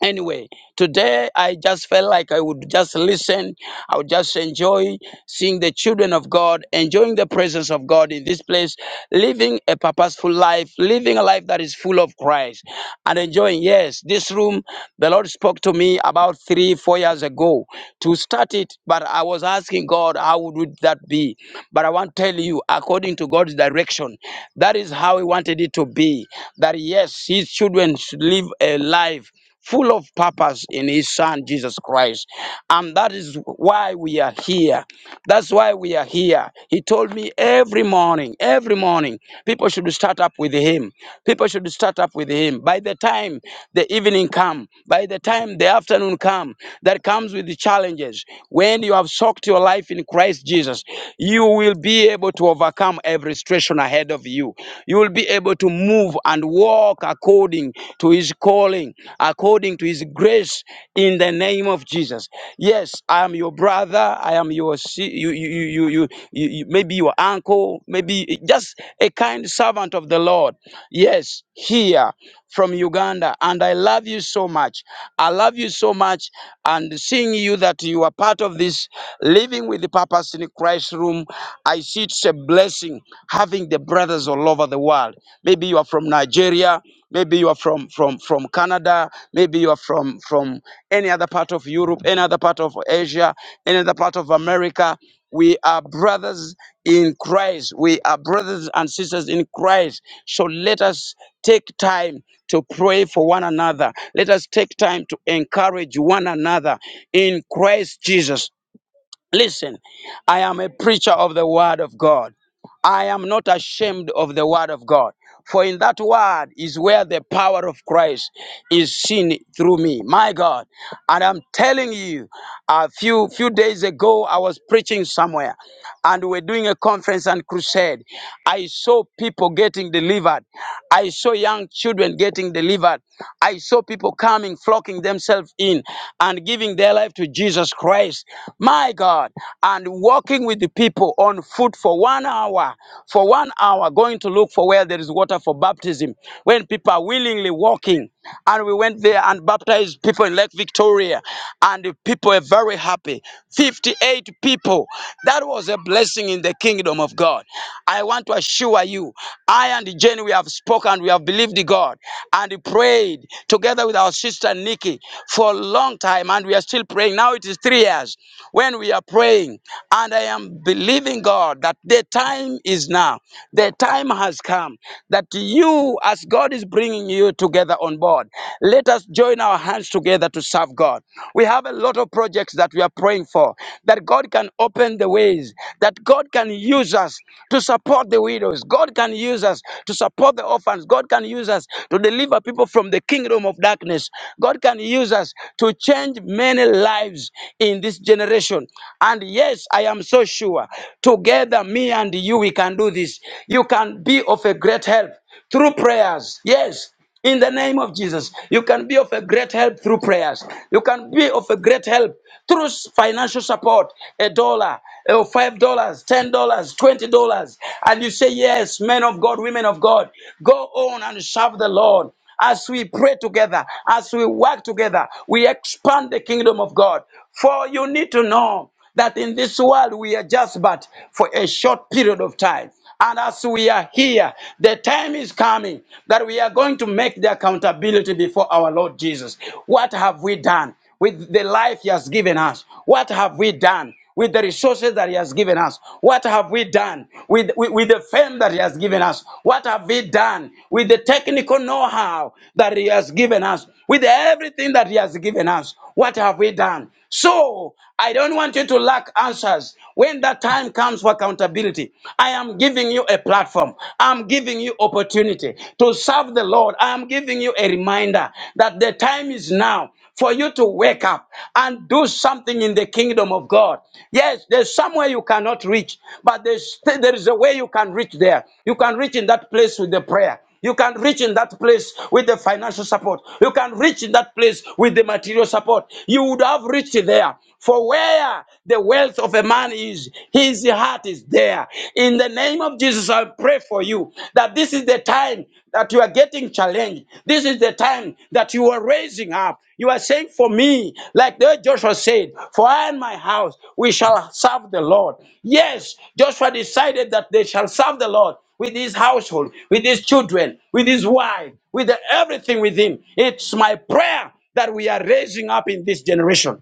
C: Anyway, today I just felt like I would just listen. I would just enjoy seeing the children of God, enjoying the presence of God in this place, living a purposeful life, living a life that is full of Christ, and enjoying. Yes, this room, the Lord spoke to me about three, four years ago to start it, but I was asking God, how would that be? But I want to tell you, according to God's direction, that is how He wanted it to be. That yes, His children should live a life full of purpose in his son Jesus Christ. And that is why we are here. That's why we are here. He told me every morning, every morning, people should start up with him. People should start up with him. By the time the evening come, by the time the afternoon come, that comes with the challenges. When you have soaked your life in in Christ Jesus, you will be able to overcome every situation ahead of you. You will be able to move and walk according to His calling, according to His grace, in the name of Jesus. Yes, I am your brother. I am your si- you you you you, you, you, you maybe your uncle, maybe just a kind servant of the Lord. Yes, here from Uganda, and I love you so much. I love you so much, and seeing you that you are part of this living with the purpose in Christ room, I see it's a blessing having the brothers all over the world. Maybe you are from Nigeria, maybe you are from from from Canada, maybe you are from from any other part of Europe, any other part of Asia, any other part of America. We are brothers in Christ. We are brothers and sisters in Christ. So let us take time to pray for one another. Let us take time to encourage one another in Christ Jesus. Listen, I am a preacher of the word of God. I am not ashamed of the word of God. For in that word is where the power of Christ is seen through me. My God. And I'm telling you, a few few days ago I was preaching somewhere and we we're doing a conference and crusade. I saw people getting delivered. I saw young children getting delivered. I saw people coming, flocking themselves in and giving their life to Jesus Christ. My God. And walking with the people on foot for one hour, for one hour, going to look for where there is water for baptism. When people are willingly walking, and we went there and baptized people in Lake Victoria, and the people were very happy. 58 people. That was a blessing in the kingdom of God. I want to assure you, I and Jenny, we have spoken, we have believed in God, and we prayed together with our sister Nikki for a long time, and we are still praying. Now it is three years when we are praying, and I am believing God that the time is now. The time has come that you, as God. God is bringing you together on board. Let us join our hands together to serve God. We have a lot of projects that we are praying for, that God can open the ways, that God can use us to support the widows, God can use us to support the orphans, God can use us to deliver people from the kingdom of darkness, God can use us to change many lives in this generation. And yes, I am so sure, together, me and you, we can do this. You can be of a great help through prayers. Yes, in the name of Jesus, you can be of a great help through prayers. You can be of a great help through financial support a dollar, eh, five dollars, ten dollars, twenty dollars. And you say, Yes, men of God, women of God, go on and serve the Lord. As we pray together, as we work together, we expand the kingdom of God. For you need to know that in this world we are just but for a short period of time. And as we are here, the time is coming that we are going to make the accountability before our Lord Jesus. What have we done with the life He has given us? What have we done? with the resources that He has given us? What have we done with, with, with the fame that He has given us? What have we done with the technical know how that He has given us? With everything that He has given us? What have we done? So I don't want you to lack answers. When that time comes for accountability, I am giving you a platform. I'm giving you opportunity to serve the Lord. I am giving you a reminder that the time is now for you to wake up and do something in the kingdom of God. Yes, there's somewhere you cannot reach, but there's, there is a way you can reach there. You can reach in that place with the prayer. You can reach in that place with the financial support. You can reach in that place with the material support. You would have reached there. For where the wealth of a man is, his heart is there. In the name of Jesus, I I pray for you that this is the time that you are getting challenged. This is the time that you are raising up. You are saying, For me, like the Joshua said, For I and my house, we shall serve the Lord. Yes, Joshua decided that they shall serve the Lord with his household, with his children, with his wife, with the- everything with him. It's my prayer that we are raising up in this generation.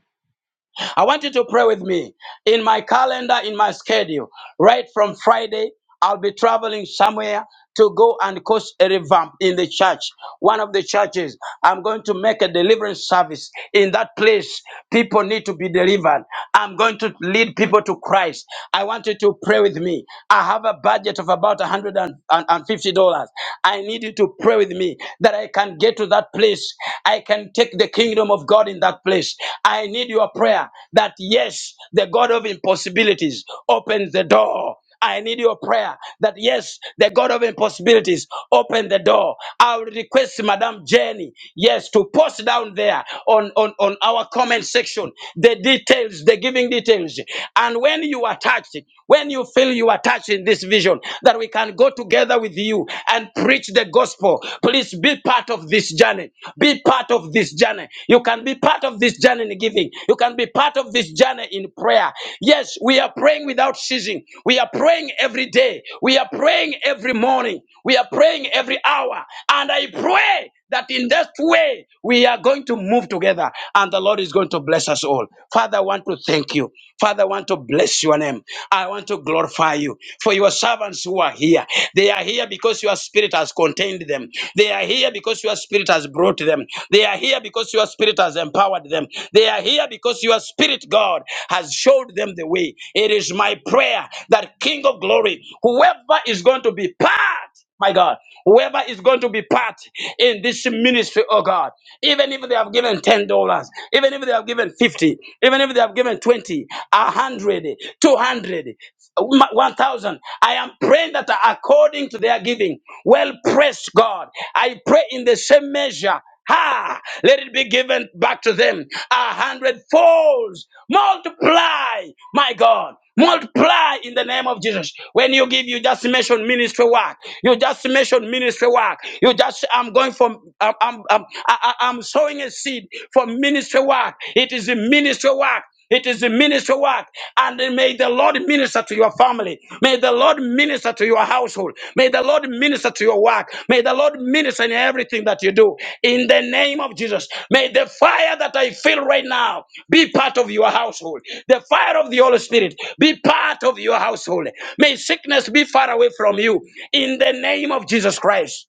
C: I want you to pray with me. In my calendar, in my schedule, right from Friday, I'll be traveling somewhere to go and coach a revamp in the church, one of the churches. I'm going to make a deliverance service in that place. People need to be delivered. I'm going to lead people to Christ. I want you to pray with me. I have a budget of about $150. I need you to pray with me that I can get to that place. I. I can take the kingdom of God in that place. I need your prayer that yes, the God of impossibilities opens the door. I need your prayer that yes, the God of impossibilities open the door. I will request Madam Jenny, yes, to post down there on, on, on our comment section the details, the giving details. And when you are touched, when you feel you are touched in this vision, that we can go together with you and pray Preach the gospel. Please be part of this journey. Be part of this journey. You can be part of this journey in giving. You can be part of this journey in prayer. Yes, we are praying without ceasing. We are praying every day. We are praying every morning. We are praying every hour. And I pray that in this way we are going to move together and the Lord is going to bless us all. Father, I want to thank you. Father, I want to bless your name. I want to glorify you for your servants who are here. They are here because your spirit has contained them. They are here because your spirit has brought them. They are here because your spirit has empowered them. They are here because your spirit, God, has showed them the way. It is my prayer that King of glory, whoever is going to be part my God, whoever is going to be part in this ministry, oh God, even if they have given ten dollars, even if they have given fifty, even if they have given twenty, a hundred, two hundred, one thousand, I am praying that according to their giving, well pressed, God, I pray in the same measure. Ha! Let it be given back to them a hundredfold. Multiply, my God. Multiply in the name of Jesus. When you give, you just mention ministry work. You just mention ministry work. You just, I'm going for, I'm, I'm, I'm, I- I- I'm sowing a seed for ministry work. It is a ministry work. It is the ministry work. And may the Lord minister to your family. May the Lord minister to your household. May the Lord minister to your work. May the Lord minister in everything that you do. In the name of Jesus. May the fire that I feel right now be part of your household. The fire of the Holy Spirit be part of your household. May sickness be far away from you. In the name of Jesus Christ.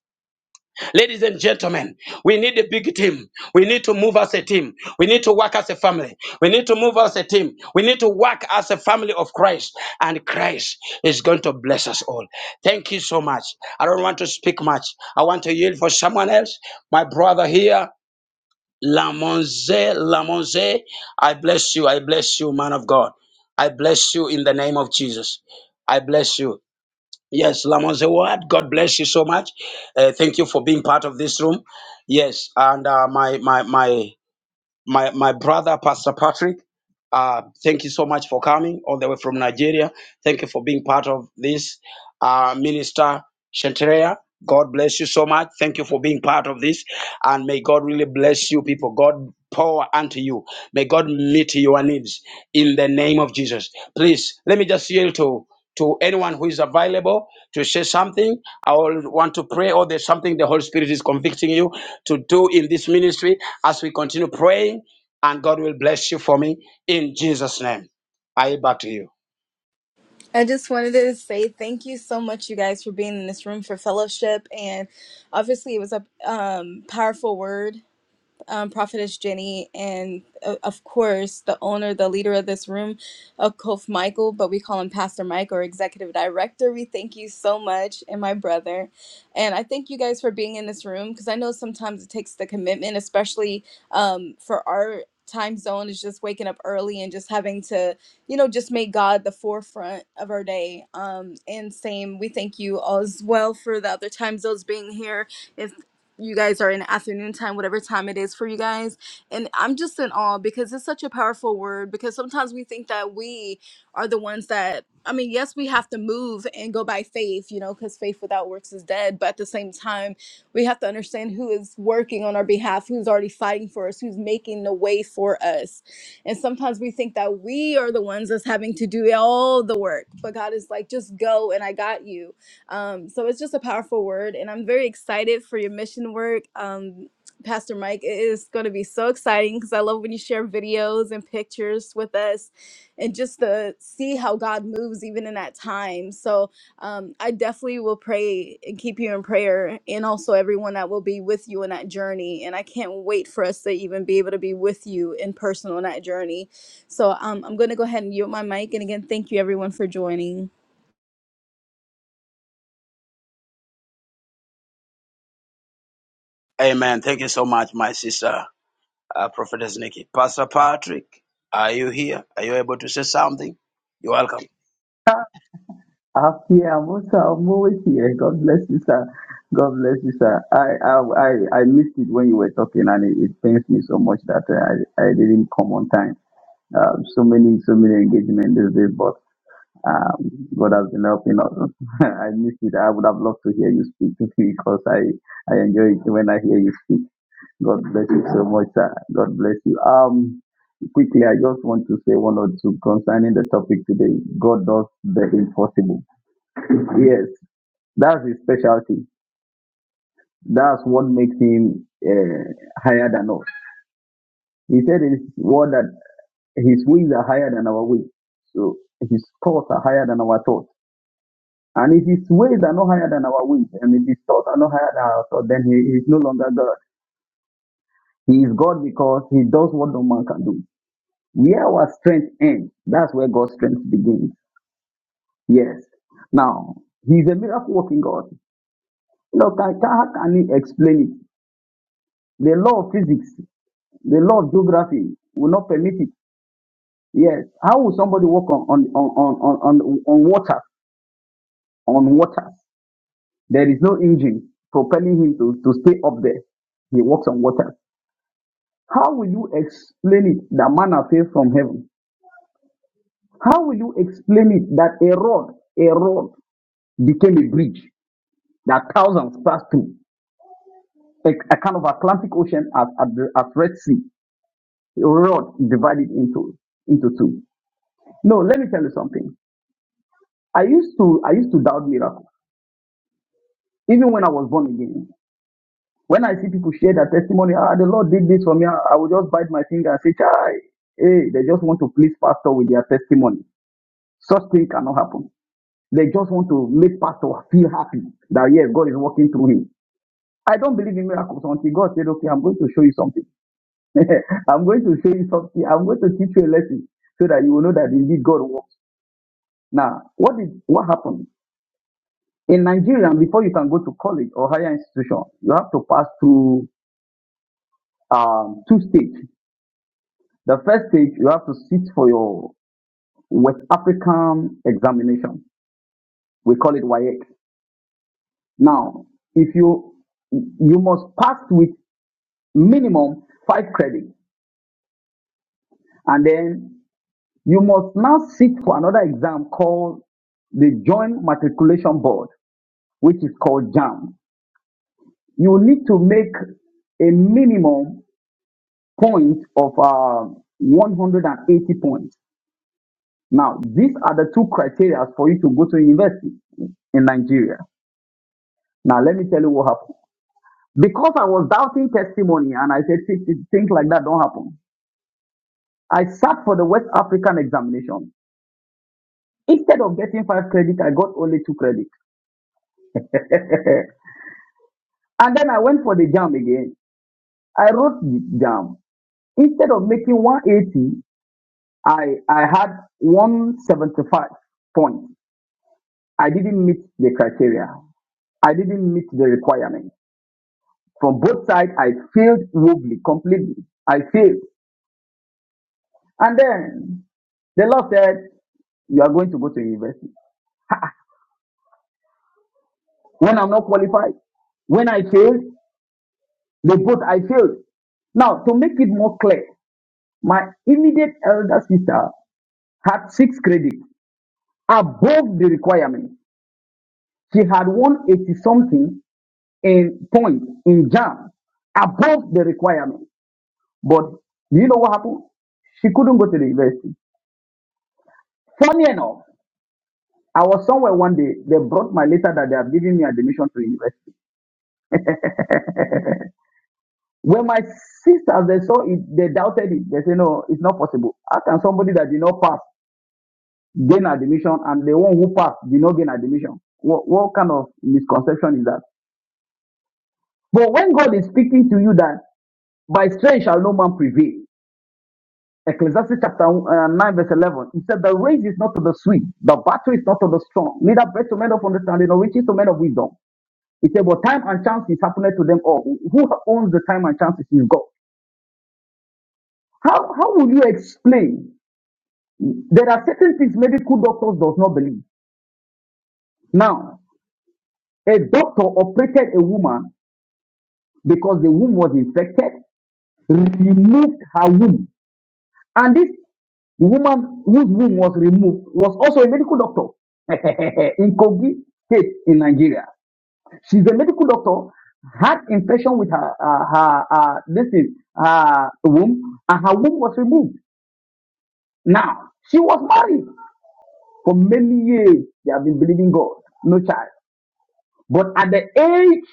C: Ladies and gentlemen, we need a big team. We need to move as a team. We need to work as a family. We need to move as a team. We need to work as a family of Christ. And Christ is going to bless us all. Thank you so much. I don't want to speak much. I want to yield for someone else. My brother here, Lamonze, Lamonze, I bless you. I bless you, man of God. I bless you in the name of Jesus. I bless you. Yes, Lamon Zewad, God bless you so much. Uh, thank you for being part of this room. Yes, and uh, my my my my my brother pastor patrick uh, thank you so much for coming all the way from nigeria thank you for being part of this uh, minister Shantrea, god bless you so much thank you for being part of this and may god really bless you people god power unto you may god meet your needs in the name of jesus please let me just yield to to anyone who is available to say something i will want to pray or there's something the holy spirit is convicting you to do in this ministry as we continue praying, and God will bless you for me in Jesus' name. I yield back to you.
A: I just wanted to say thank you so much, you guys, for being in this room for fellowship. And obviously, it was a um, powerful word. um, Prophetess Jenny, and uh, of course, the owner, the leader of this room, uh, Kof Michael, but we call him Pastor Mike or Executive Director. We thank you so much, and my brother. And I thank you guys for being in this room because I know sometimes it takes the commitment, especially um, for our time zone, is just waking up early and just having to, you know, just make God the forefront of our day. Um, and same, we thank you all as well for the other time zones being here If you guys are in afternoon time, whatever time it is for you guys. And I'm just in awe because it's such a powerful word. Because sometimes we think that we are the ones that, I mean, yes, we have to move and go by faith, you know, because faith without works is dead. But at the same time, we have to understand who is working on our behalf, who's already fighting for us, who's making the way for us. And sometimes we think that we are the ones that's having to do all the work. But God is like, just go and I got you um, so it's just a powerful word, and I'm very excited for your mission work. Um, Pastor Mike, it is going to be so exciting because I love when you share videos and pictures with us and just to see how God moves even in that time. So um, I definitely will pray and keep you in prayer and also everyone that will be with you in that journey. And I can't wait for us to even be able to be with you in person on that journey. So um, I'm going to go ahead and yield my mic. And again, thank you everyone for joining.
C: Amen. Thank you so much, my sister, uh, Prophetess Nikki. Pastor Patrick, are you here? Are you able to say something? You're welcome.
D: I'm here. I'm also. I'm always here. God bless you, sir. God bless you, sir. I I I, I missed it when you were talking, and it, it pains me so much that uh, I I didn't come on time. Uh, so many so many engagements these days, but um, God has been helping us. *laughs* I missed it. I would have loved to hear you speak *laughs* because I I enjoy it when I hear you speak. God bless you so much, sir. God bless you. Um, quickly, I just want to say one or two concerning the topic today. God does the impossible. Yes, that's his specialty. That's what makes him uh, higher than us. He said in his word that his ways are higher than our ways. So his thoughts are higher than our thoughts. And if his ways are not higher than our ways, and if his thoughts are not higher than our thoughts, then he is no longer God. He is God because he does what no man can do. Where our strength ends, that's where God's strength begins. Yes. Now, he's a miracle working God. Look, I, how can he explain it? The law of physics The law of geography will not permit it. Yes. How will somebody walk on on on on on, on on water on water? There is no engine propelling him to, to stay up there. He walks on water. How will you explain it that manna fell from heaven? How will you explain it that a rod, a rod became a bridge that thousands passed through? A, a kind of Atlantic Ocean as at the as Red Sea. A rod divided into into two. No, let me tell you something. I used to I used to doubt miracles, even when I was born again. When I see people share their testimony, ah, the Lord did this for me, I I would just bite my finger and say, Chai, hey, they just want to please pastor with their testimony. Such thing cannot happen. They just want to make pastor feel happy that yes, God is working through him. I don't believe in miracles until God said, okay, I'm going to show you something. *laughs* I'm going to show you something. I'm going to teach you a lesson so that you will know that indeed God works. Now, what did what happened? In Nigeria, before you can go to college or higher institution, you have to pass through um, two stages. The first stage, you have to sit for your West African examination. We call it WAEC. Now, if you you must pass with minimum five credits, and then you must now sit for another exam called the Joint Matriculation Board, which is called JAMB. You need to make a minimum Point of uh, 180 points. Now, these are the two criteria for you to go to university in Nigeria. Now, let me tell you what happened. Because I was doubting testimony and I said, "Th- th- things like that don't happen. I sat for the West African examination. Instead of getting five credit, I got only two credit. *laughs* and then I went for the jam again. I wrote the jam. Instead of making 180, I, I had 175 points. I didn't meet the criteria. I didn't meet the requirement. From both sides, I failed woefully, completely. I failed. And then the Lord said, You are going to go to university. When I'm not qualified, when I failed, they both I failed. Now, to make it more clear, my immediate elder sister had six credits above the requirement. She had 180 something in points in jam above the requirement. But do you know what happened? She couldn't go to the university. Funny enough, I was somewhere one day, they brought my letter that they have given me admission to university. *laughs* when my sisters, they saw it, they doubted it. They said, no, it's not possible. How can somebody that did not pass gain admission and the one who passed did not gain admission? What, what kind of misconception is that? But when God is speaking to you that by strength shall no man prevail, Ecclesiastes chapter uh, 9, verse 11. He said, The race is not to the swift, the battle is not to the strong, neither bread to men of understanding, nor riches to men of wisdom. He said, But time and chance is happening to them all. Who owns the time and chances is God. How, how will you explain? There are certain things medical doctors does not believe. Now, a doctor operated a woman because the womb was infected, removed her womb. And this The woman whose womb was removed was also a medical doctor *laughs* in Kogi State in Nigeria. She's a medical doctor, had infection with her, uh, her, uh, this is her womb, and her womb was removed. Now, she was married for many years. They have been believing God, no child. But at the age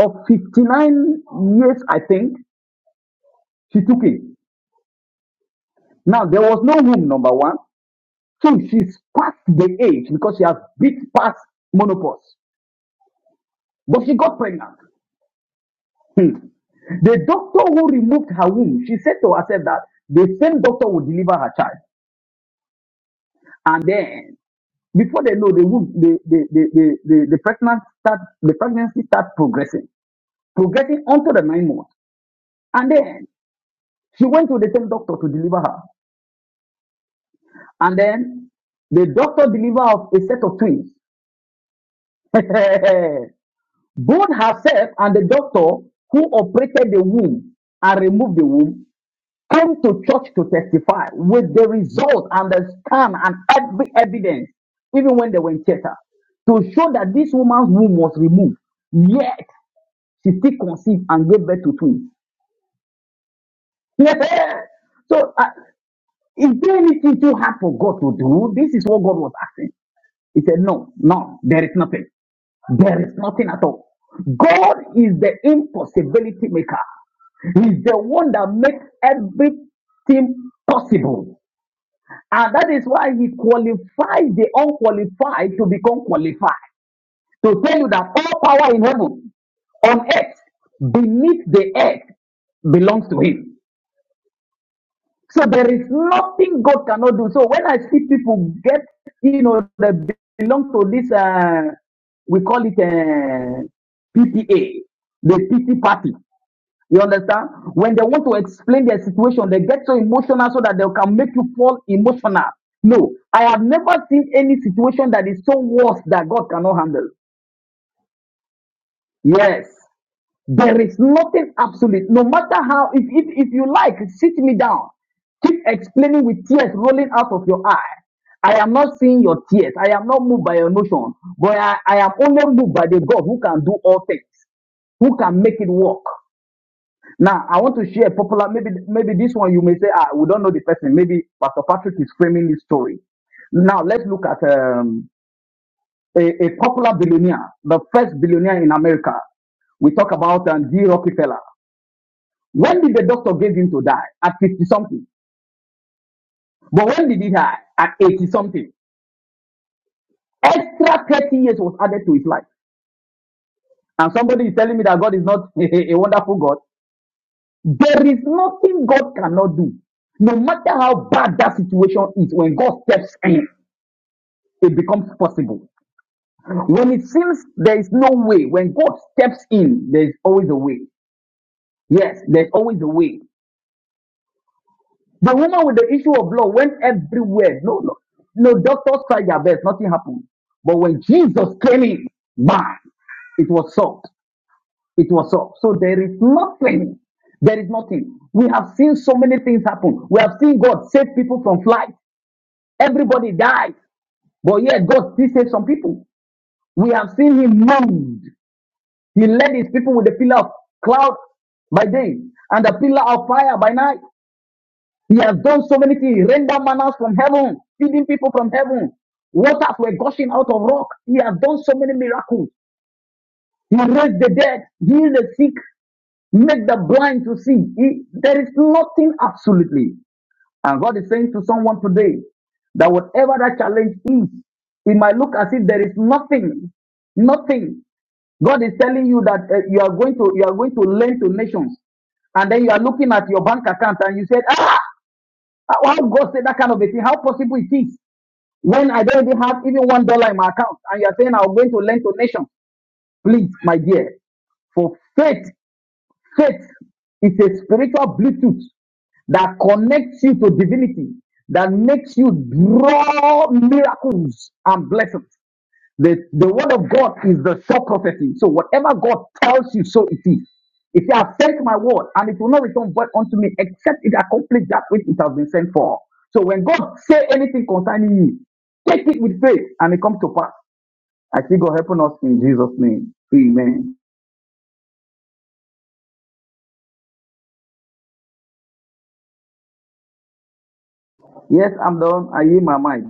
D: of 59 years, I think, she took it. Now, there was no womb, number one. So she's past the age because she has beat past menopause. But she got pregnant. Hmm. The doctor who removed her womb, she said to herself that the same doctor will deliver her child. And then, before they know, the womb, the the the the, the, the pregnancy start, the pregnancy start progressing, progressing onto the nine months. And then she went to the same doctor to deliver her. And then the doctor delivered her a set of twins. *laughs* Both herself and the doctor who operated the womb and removed the womb come to church to testify with the result and the scan and every evidence, even when they were in theater, to show that this woman's womb was removed. Yet she still conceived and gave birth to twins. *laughs* so, uh, is there anything too hard for God to do? This is what God was asking. He said, No, no, there is nothing. There is nothing at all. God is the impossibility maker. He's the one that makes everything possible. And that is why he qualifies the unqualified to become qualified. To tell you that all power in heaven, on earth, beneath the earth, belongs to him. So there is nothing God cannot do. So when I see people get, you know, they belong to this, uh, we call it uh, PTA, the PT party. You understand? When they want to explain their situation, they get so emotional so that they can make you fall emotional. No, I have never seen any situation that is so worse that God cannot handle. Yes, there is nothing absolute. No matter how, if, if, if you like, sit me down. Keep explaining with tears rolling out of your eye. I am not seeing your tears. I am not moved by your notion, but I, I am only moved by the God who can do all things, who can make it work. Now I want to share a popular. Maybe maybe this one you may say ah we don't know the person. Maybe Pastor Patrick is framing this story. Now let's look at um, a, a popular billionaire, the first billionaire in America. We talk about um, G Rockefeller. When did the doctor give him to die? At fifty something. But when did he die? At eighty something. Extra thirty years was added to his life. And somebody is telling me that God is not *laughs* a wonderful God. There is nothing God cannot do. No matter how bad that situation is, when God steps in, it becomes possible. When it seems there is no way, when God steps in, there is always a way. Yes, there's always a way. The woman with the issue of blood went everywhere. No, no, no, doctors tried their best, nothing happened. But when Jesus came in, man, it was solved. It was solved. So there is nothing. There is nothing. We have seen so many things happen. We have seen God save people from flight. Everybody died. But yet God still saved some people. We have seen him moved. He led his people with the pillar of cloud by day and the pillar of fire by night. He has done so many things. He rendered manners from heaven, feeding people from heaven. Waters were gushing out of rock. He has done so many miracles. He raised the dead, healed the sick, made the blind to see. He- there is nothing absolutely. And God is saying to someone today that whatever that challenge is, it might look as if there is nothing, nothing. God is telling you that uh, you are going to you are going to lend to nations, and then you are looking at your bank account and you said, ah, how God said that kind of a thing? How possible it is when I don't even have even one dollar in my account, and you are saying I'm going to lend to nations? Please, my dear, for faith, faith is a spiritual Bluetooth that connects you to divinity, that makes you draw miracles and blessings. The, the word of God is the sure prophecy. So whatever God tells you, so it is. If you have sent my word and it will not return void unto me, except it accomplish that which it has been sent for. So when God say anything concerning you, take it with faith and it comes to pass. I see God helping us in Jesus' name. Amen. Yes, I'm done. I hear my mind.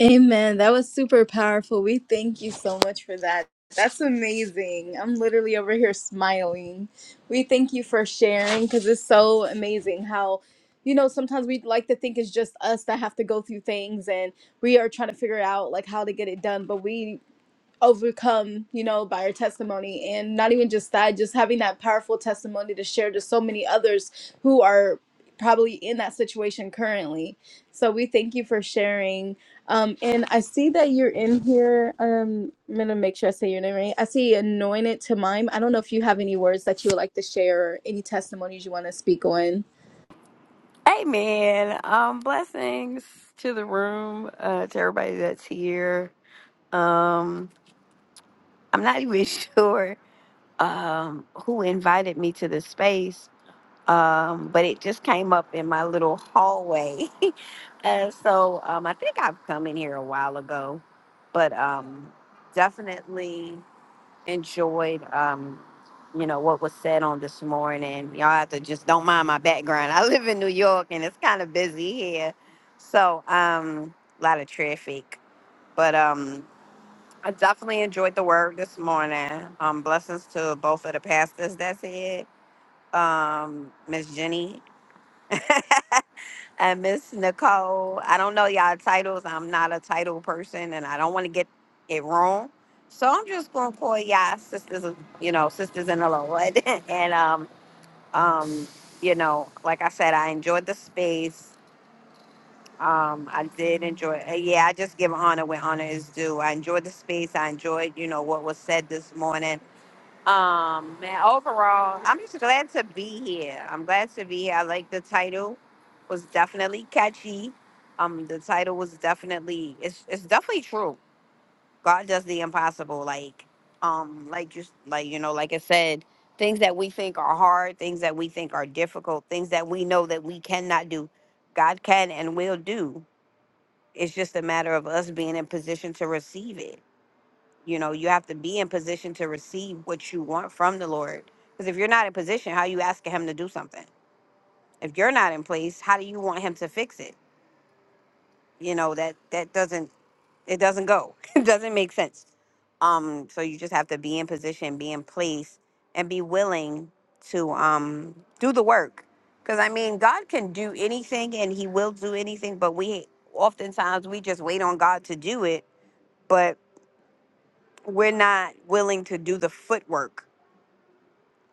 A: Amen. That was super powerful. We thank you so much for that. That's amazing. I'm literally over here smiling. We thank you for sharing because it's so amazing how, you know, sometimes we like to think it's just us that have to go through things and we are trying to figure out like how to get it done. But we overcome, you know, by her testimony. And not even just that, just having that powerful testimony to share to so many others who are probably in that situation currently. So we thank you for sharing. Um, and I see that you're in here. Um, I'm going to make sure I say your name right. I see Anointed to Mime. I don't know if you have any words that you would like to share or any testimonies you want to speak on.
E: Amen. Um, blessings to the room, uh, to everybody that's here. Um, I'm not even *laughs* sure um, who invited me to the space, um, but it just came up in my little hallway. *laughs* uh, so um, I think I've come in here a while ago, but um, definitely enjoyed um you know what was said on this morning y'all have to just don't mind my background *laughs* i live in new york and it's kind of busy here so um a lot of traffic but um i definitely enjoyed the work this morning um blessings to both of the pastors that's it um miss jenny *laughs* and Miss Nicole. I don't know y'all titles. I'm not a title person, and I don't want to get it wrong. So I'm just gonna call y'all sisters, you know, sisters in the Lord. *laughs* and um, um, you know, like I said, I enjoyed the space. Um, I did enjoy. uh, Yeah, I just give honor where honor is due. I enjoyed the space. I enjoyed, you know, what was said this morning. Um, man, overall, I'm just glad to be here. I'm glad to be here. I like the title. Was definitely catchy. Um, the title was definitely it's it's definitely true. God does the impossible. Like, um, like just like you know, like I said, things that we think are hard, things that we think are difficult, things that we know that we cannot do, God can and will do. It's just a matter of us being in position to receive it you know, you have to be in position to receive what you want from the Lord. Because if you're not in position, how you asking him to do something? If you're not in place, how do you want him to fix it? You know, that that doesn't it doesn't go. *laughs* it doesn't make sense. Um, so you just have to be in position, be in place, and be willing to um do the work. Because I mean, God can do anything and He will do anything, but we oftentimes we just wait on God to do it, but we're not willing to do the footwork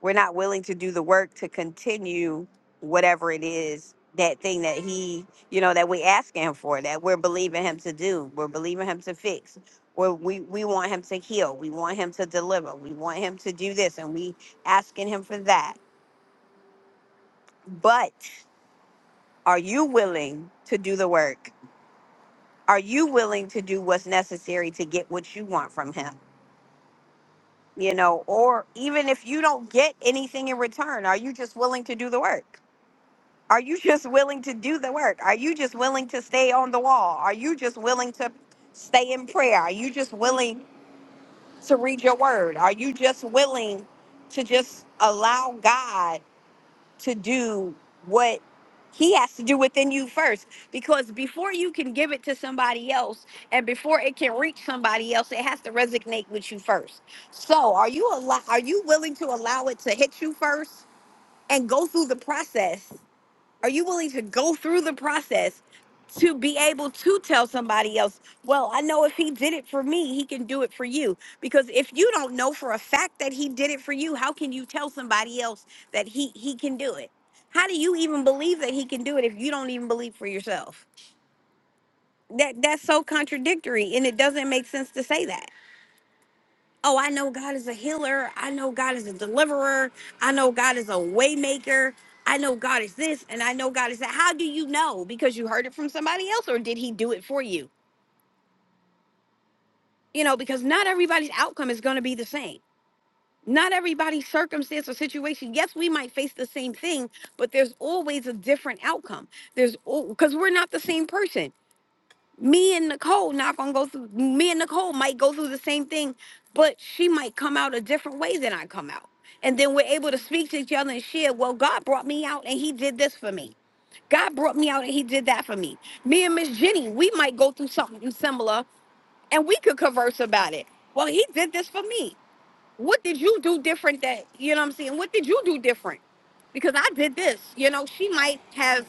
E: we're not willing to do the work to continue whatever it is that thing that he you know that we ask him for that we're believing him to do we're believing him to fix or we we want him to heal we want him to deliver we want him to do this and we asking him for that but are you willing to do the work are you willing to do what's necessary to get what you want from him you know or even if you don't get anything in return are you just willing to do the work Are you just willing to do the work? Are you just willing to stay on the wall? Are you just willing to stay in prayer? Are you just willing to read your word? Are you just willing to just allow God to do what he has to do within you first? Because before you can give it to somebody else and before it can reach somebody else, it has to resonate with you first. So, are you allow are you willing to allow it to hit you first and go through the process are you willing to go through the process to be able to tell somebody else, well, I know if he did it for me, he can do it for you? Because if you don't know for a fact that he did it for you, how can you tell somebody else that he he can do it? How do you even believe that he can do it if you don't even believe for yourself? That that's so contradictory and it doesn't make sense to say that oh, I know God is a healer. I know God is a deliverer. I know God is a waymaker. I know God is this and I know God is that. How do you know? Because you heard it from somebody else or did he do it for you? You know, because not everybody's outcome is going to be the same. Not everybody's circumstance or situation. Yes, we might face the same thing, but there's always a different outcome. There's because we're not the same person. me and Nicole not gonna go through me and Nicole might go through the same thing, but she might come out a different way than I come out. And then we're able to speak to each other and share, well, God brought me out and he did this for me. God brought me out and he did that for me. Me and Miss Jenny, we might go through something similar and we could converse about it. Well, he did this for me what did you do different that you know what i'm saying what did you do different because i did this you know she might have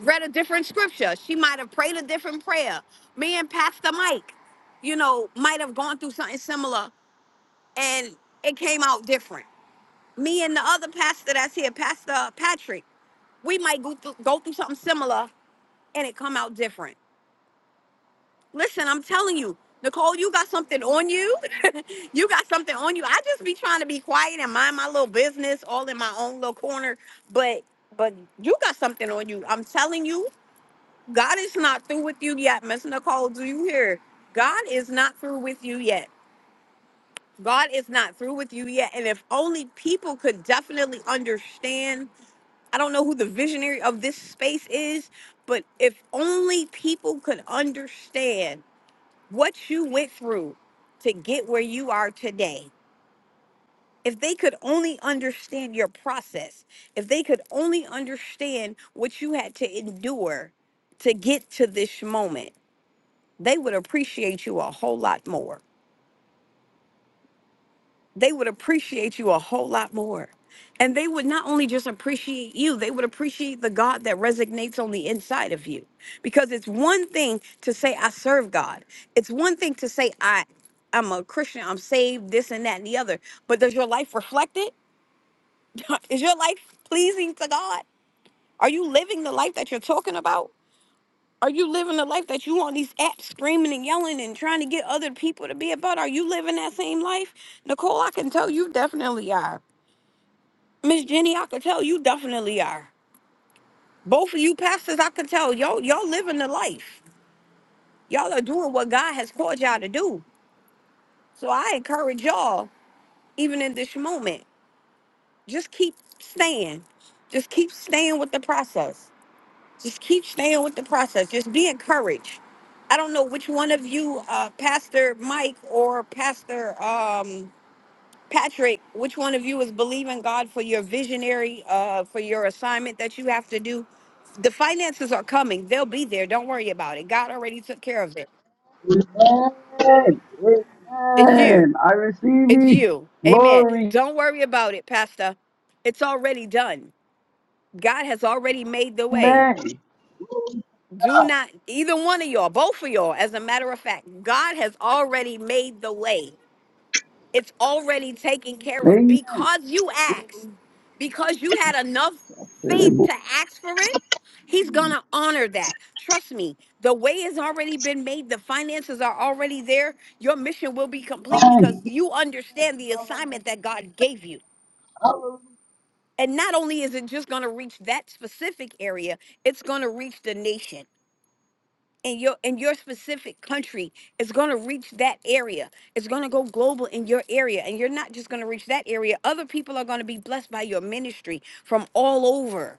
E: read a different scripture she might have prayed a different prayer me and pastor mike you know might have gone through something similar and it came out different me and the other pastor that's here pastor patrick we might go through, go through something similar and it come out different Listen, I'm telling you, Nicole, you got something on you. *laughs* you got something on you. I just be trying to be quiet and mind my little business, all in my own little corner. But but you got something on you. I'm telling you, God is not through with you yet, Miss Nicole. Do you hear? God is not through with you yet. God is not through with you yet. And if only people could definitely understand. I don't know who the visionary of this space is, but if only people could understand what you went through to get where you are today. If they could only understand your process, if they could only understand what you had to endure to get to this moment, they would appreciate you a whole lot more. they would appreciate you a whole lot more. And they would not only just appreciate you, they would appreciate the God that resonates on the inside of you. Because it's one thing to say, I serve God. It's one thing to say, I, I'm a Christian, I'm saved, this and that and the other. But does your life reflect it? *laughs* Is your life pleasing to God? Are you living the life that you're talking about? Are you living the life that you on these apps screaming and yelling and trying to get other people to be about? Are you living that same life? Nicole, I can tell you definitely are. Miss Jenny, I could tell you definitely are. Both of you pastors, I could tell y'all y'all living the life. Y'all are doing what God has called y'all to do. So I encourage y'all, even in this moment, just keep staying. Just keep staying with the process. Just keep staying with the process. Just be encouraged. I don't know which one of you, uh, Pastor Mike or Pastor um, Patrick, which one of you is believing God for your visionary, uh, for your assignment that you have to do? The finances are coming. They'll be there. Don't worry about it. God already took care of it.
D: Amen.
E: It's you.
D: Amen. I
E: It's
D: receive it.
E: you. Amen.
D: Glory.
E: Don't worry about it, Pastor. It's already done. God has already made the way.
D: Amen.
E: Do not, either one of y'all, both of y'all, as a matter of fact, God has already made the way. It's already taken care of
D: Amen.
E: because you asked, because you had enough faith
D: Amen.
E: to ask for it. He's going to honor that. Trust me, the way has already been made. The finances are already there. Your mission will be complete because you understand the assignment that God gave you.
D: Hallelujah.
E: And not only is it just going to reach that specific area, it's going to reach the nation in your in your specific country is going to reach that area it's going to go global in your area and you're not just going to reach that area other people are going to be blessed by your ministry from all over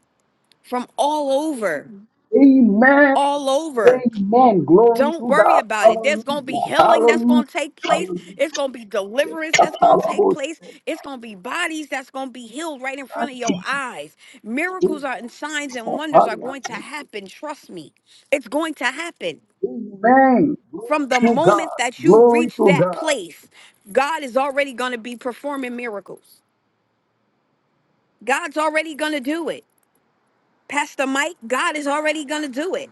E: from all over Mhm.
D: Amen.
E: all over
D: Amen. Glory
E: don't
D: to
E: worry
D: God.
E: about it there's
D: Hallelujah.
E: going to be healing that's
D: Hallelujah.
E: going to take place
D: Hallelujah.
E: it's going to be deliverance that's going to take place it's going to be bodies that's going to be healed right in front of your eyes miracles are and signs and wonders are going to
D: Hallelujah.
E: happen trust me it's going to happen
D: Amen. Glory
E: From the
D: to God.
E: moment that you
D: Glory
E: reach
D: to
E: that
D: God.
E: place, God is already going to be performing miracles. God's already going to do it. Pastor Mike, God is already going to do it.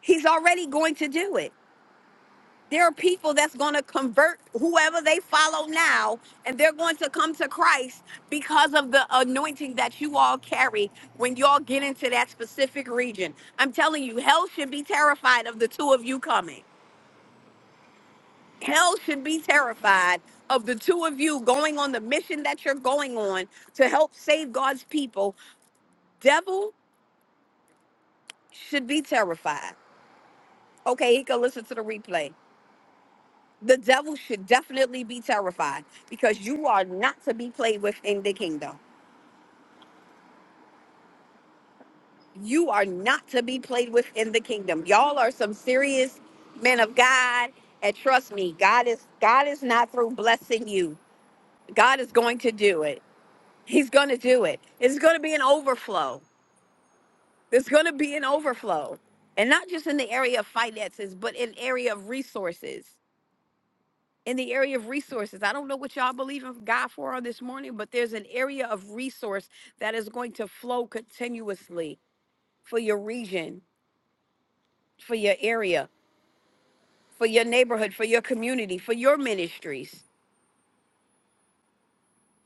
E: He's already going to do it. There are people that's going to convert whoever they follow now, and they're going to come to Christ because of the anointing that you all carry when y'all get into that specific region. I'm telling you, hell should be terrified of the two of you coming. Hell should be terrified of the two of you going on the mission that you're going on to help save God's people. Devil should be terrified. Okay, he can listen to the replay. The devil should definitely be terrified because you are not to be played with in the kingdom. You are not to be played with in the kingdom. Y'all are some serious men of God. And trust me, God is God is not through blessing you. God is going to do it. He's going to do it. It's going to be an overflow. There's going to be an overflow, and not just in the area of finances, but in area of resources. In the area of resources, I don't know what y'all believe in God for on this morning, but there's an area of resource that is going to flow continuously for your region, for your area, for your neighborhood, for your community, for your ministries,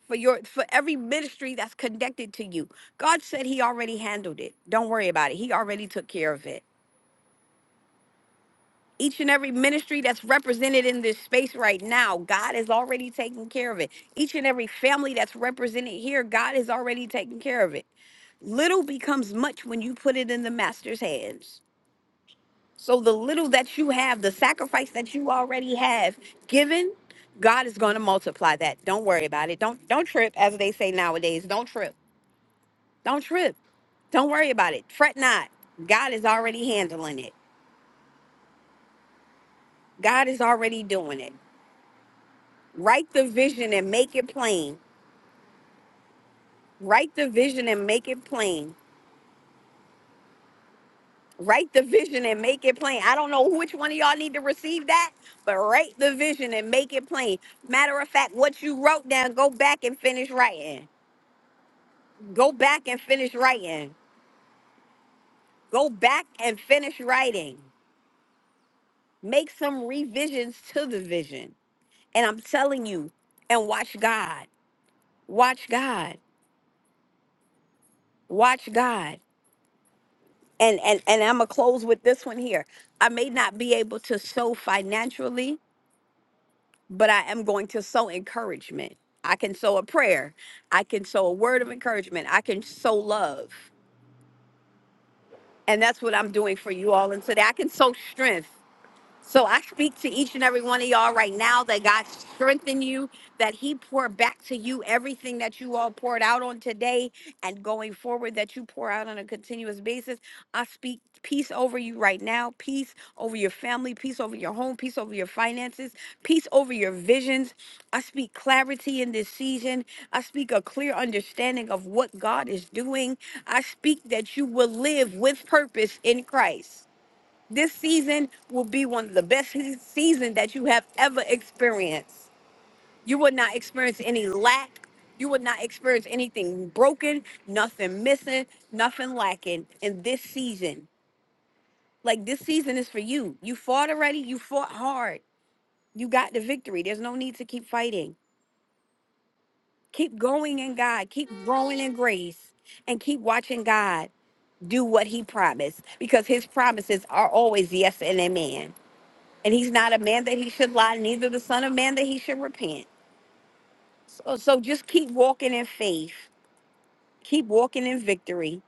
E: for your for every ministry that's connected to you. God said He already handled it. Don't worry about it. He already took care of it. each and every ministry that's represented in this space right now, God is already taking care of it. Each and every family that's represented here, God is already taking care of it. Little becomes much when you put it in the master's hands. So the little that you have, the sacrifice that you already have given, God is going to multiply that. Don't worry about it. Don't don't trip as they say nowadays. Don't trip. Don't trip. Don't worry about it. Fret not. God is already handling it. God is already doing it. Write the vision and make it plain. Write the vision and make it plain. Write the vision and make it plain. I don't know which one of y'all need to receive that, but write the vision and make it plain. Matter of fact, what you wrote down, go back and finish writing. Go back and finish writing. Go back and finish writing. Make some revisions to the vision. And I'm telling you, and watch God. Watch God. Watch God. and and and I'm gonna close with this one here. I may not be able to sow financially, but I am going to sow encouragement. I can sow a prayer. I can sow a word of encouragement. I can sow love. And that's what I'm doing for you all. And today I can sow strength. So I speak to each and every one of y'all right now that God strengthen you, that He pour back to you everything that you all poured out on today and going forward that you pour out on a continuous basis. I speak peace over you right now, peace over your family, peace over your home, peace over your finances, peace over your visions. I speak clarity in this season. I speak a clear understanding of what God is doing. I speak that you will live with purpose in Christ. This season will be one of the best seasons that you have ever experienced. You will not experience any lack. You will not experience anything broken, nothing missing, nothing lacking in this season. Like this season is for you. You fought already. You fought hard. You got the victory. There's no need to keep fighting. Keep going in God. Keep growing in grace and keep watching God do what he promised because his promises are always yes and amen. and he's not a man that he should lie, neither the son of man that he should repent. So, so just keep walking in faith, keep walking in victory,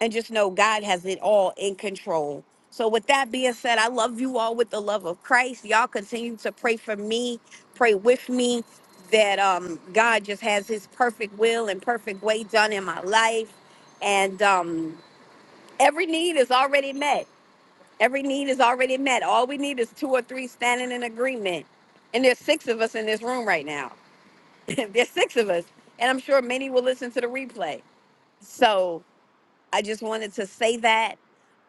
E: and just know God has it all in control. So, with that being said, I love you all with the love of Christ. Y'all continue to pray for me, pray with me that um, God just has His perfect will and perfect way done in my life, and um, every need is already met. Every need is already met. All we need is two or three standing in agreement. And there's six of us in this room right now. *laughs* there's six of us. And I'm sure many will listen to the replay. So I just wanted to say that,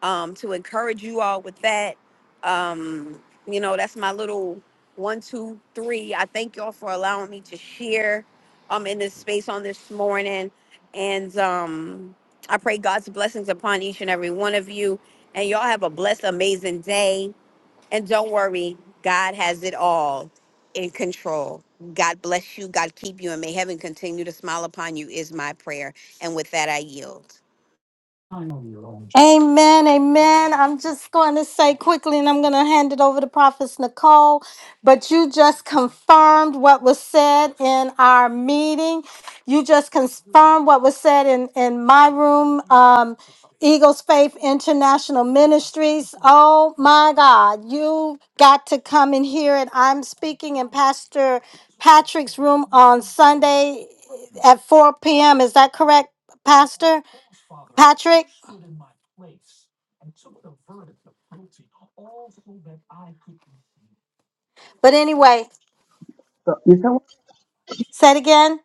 E: um, to encourage you all with that. Um, you know, that's my little one, two, three. I thank y'all for allowing me to share um in this space on this morning. And um I pray God's blessings upon each and every one of you. And y'all have a blessed, amazing day and don't worry, God has it all in control. God bless you. God keep you. And may heaven continue to smile upon you, is my prayer. And with that, I yield.
B: Amen, amen. I'm just going to say quickly, and I'm going to hand it over to Prophet Nicole. But you just confirmed what was said in our meeting. You just confirmed what was said in, in my room, um, Eagles Faith International Ministries. Oh my God, you got to come and hear it. I'm speaking in Pastor Patrick's room on Sunday at 4 p.m. Is that correct, Pastor Patrick? But anyway,
D: You said what?
B: Say it again.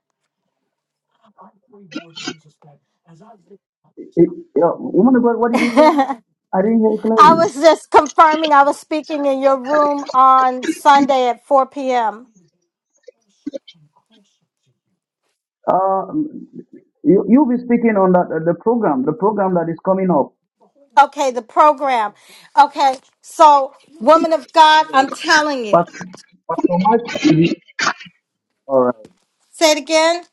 D: eh, eh, Woman of God, what did you say?
B: *laughs*
D: I didn't hear
B: I
D: clearly.
B: was just confirming I was speaking in your room on Sunday at 4 p.m.
D: Uh, you, you'll be speaking on that uh, the program, the program that is coming up.
B: Okay, the program. Okay, so, woman of God, I'm telling you.
D: Pastor, Pastor Mark, will be- all right.
B: Say it again.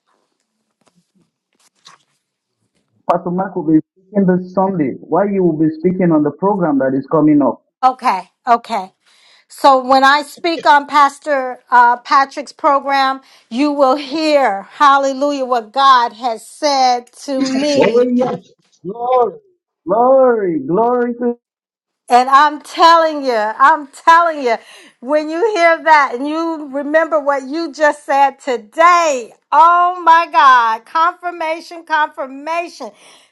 D: Pastor Mark will be speaking this Sunday. Why you will be speaking on the program that is coming up?
B: Okay, okay. So, when I speak on Pastor uh, Patrick's program, you will hear, hallelujah, what God has said to
D: Oh,
B: me
D: yes. Glory. Glory, glory to
B: And I'm telling you, I'm telling you, when you hear that and you remember what you just said today, oh my God, confirmation, confirmation.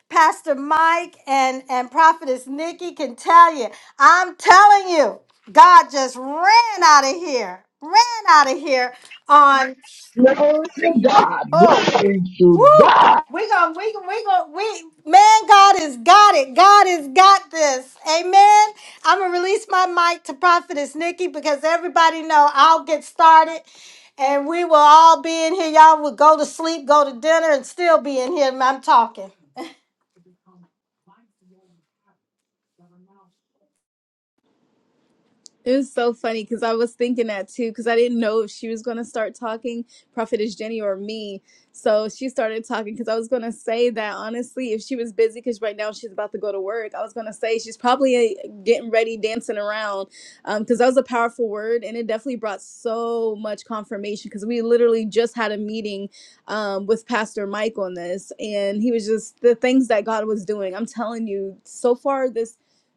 B: Pastor Mike and, and Prophetess Nikki can tell you, I'm telling you, God just ran out of here, ran out of here on.
D: Glory to God.
B: *laughs*
D: Glory to
B: Woo!
D: God.
B: We gonna we gonna we gonna we man, God has got it. God has got this. Amen. I'm gonna release my mic to Prophetess Nikki because everybody know I'll get started and we will all be in here. Y'all will go to sleep, go to dinner, and still be in here. I'm talking.
A: It was so funny because I was thinking that too because I didn't know if she was going to start talking, Prophetess Jenny or me. So she started talking because I was going to say that honestly, if she was busy because right now she's about to go to work, I was going to say she's probably uh, getting ready, dancing around because that was a powerful word and it definitely brought so much confirmation because we literally just had a meeting um, with Pastor Mike on this and he was just the things that God was doing. I'm telling you, so far this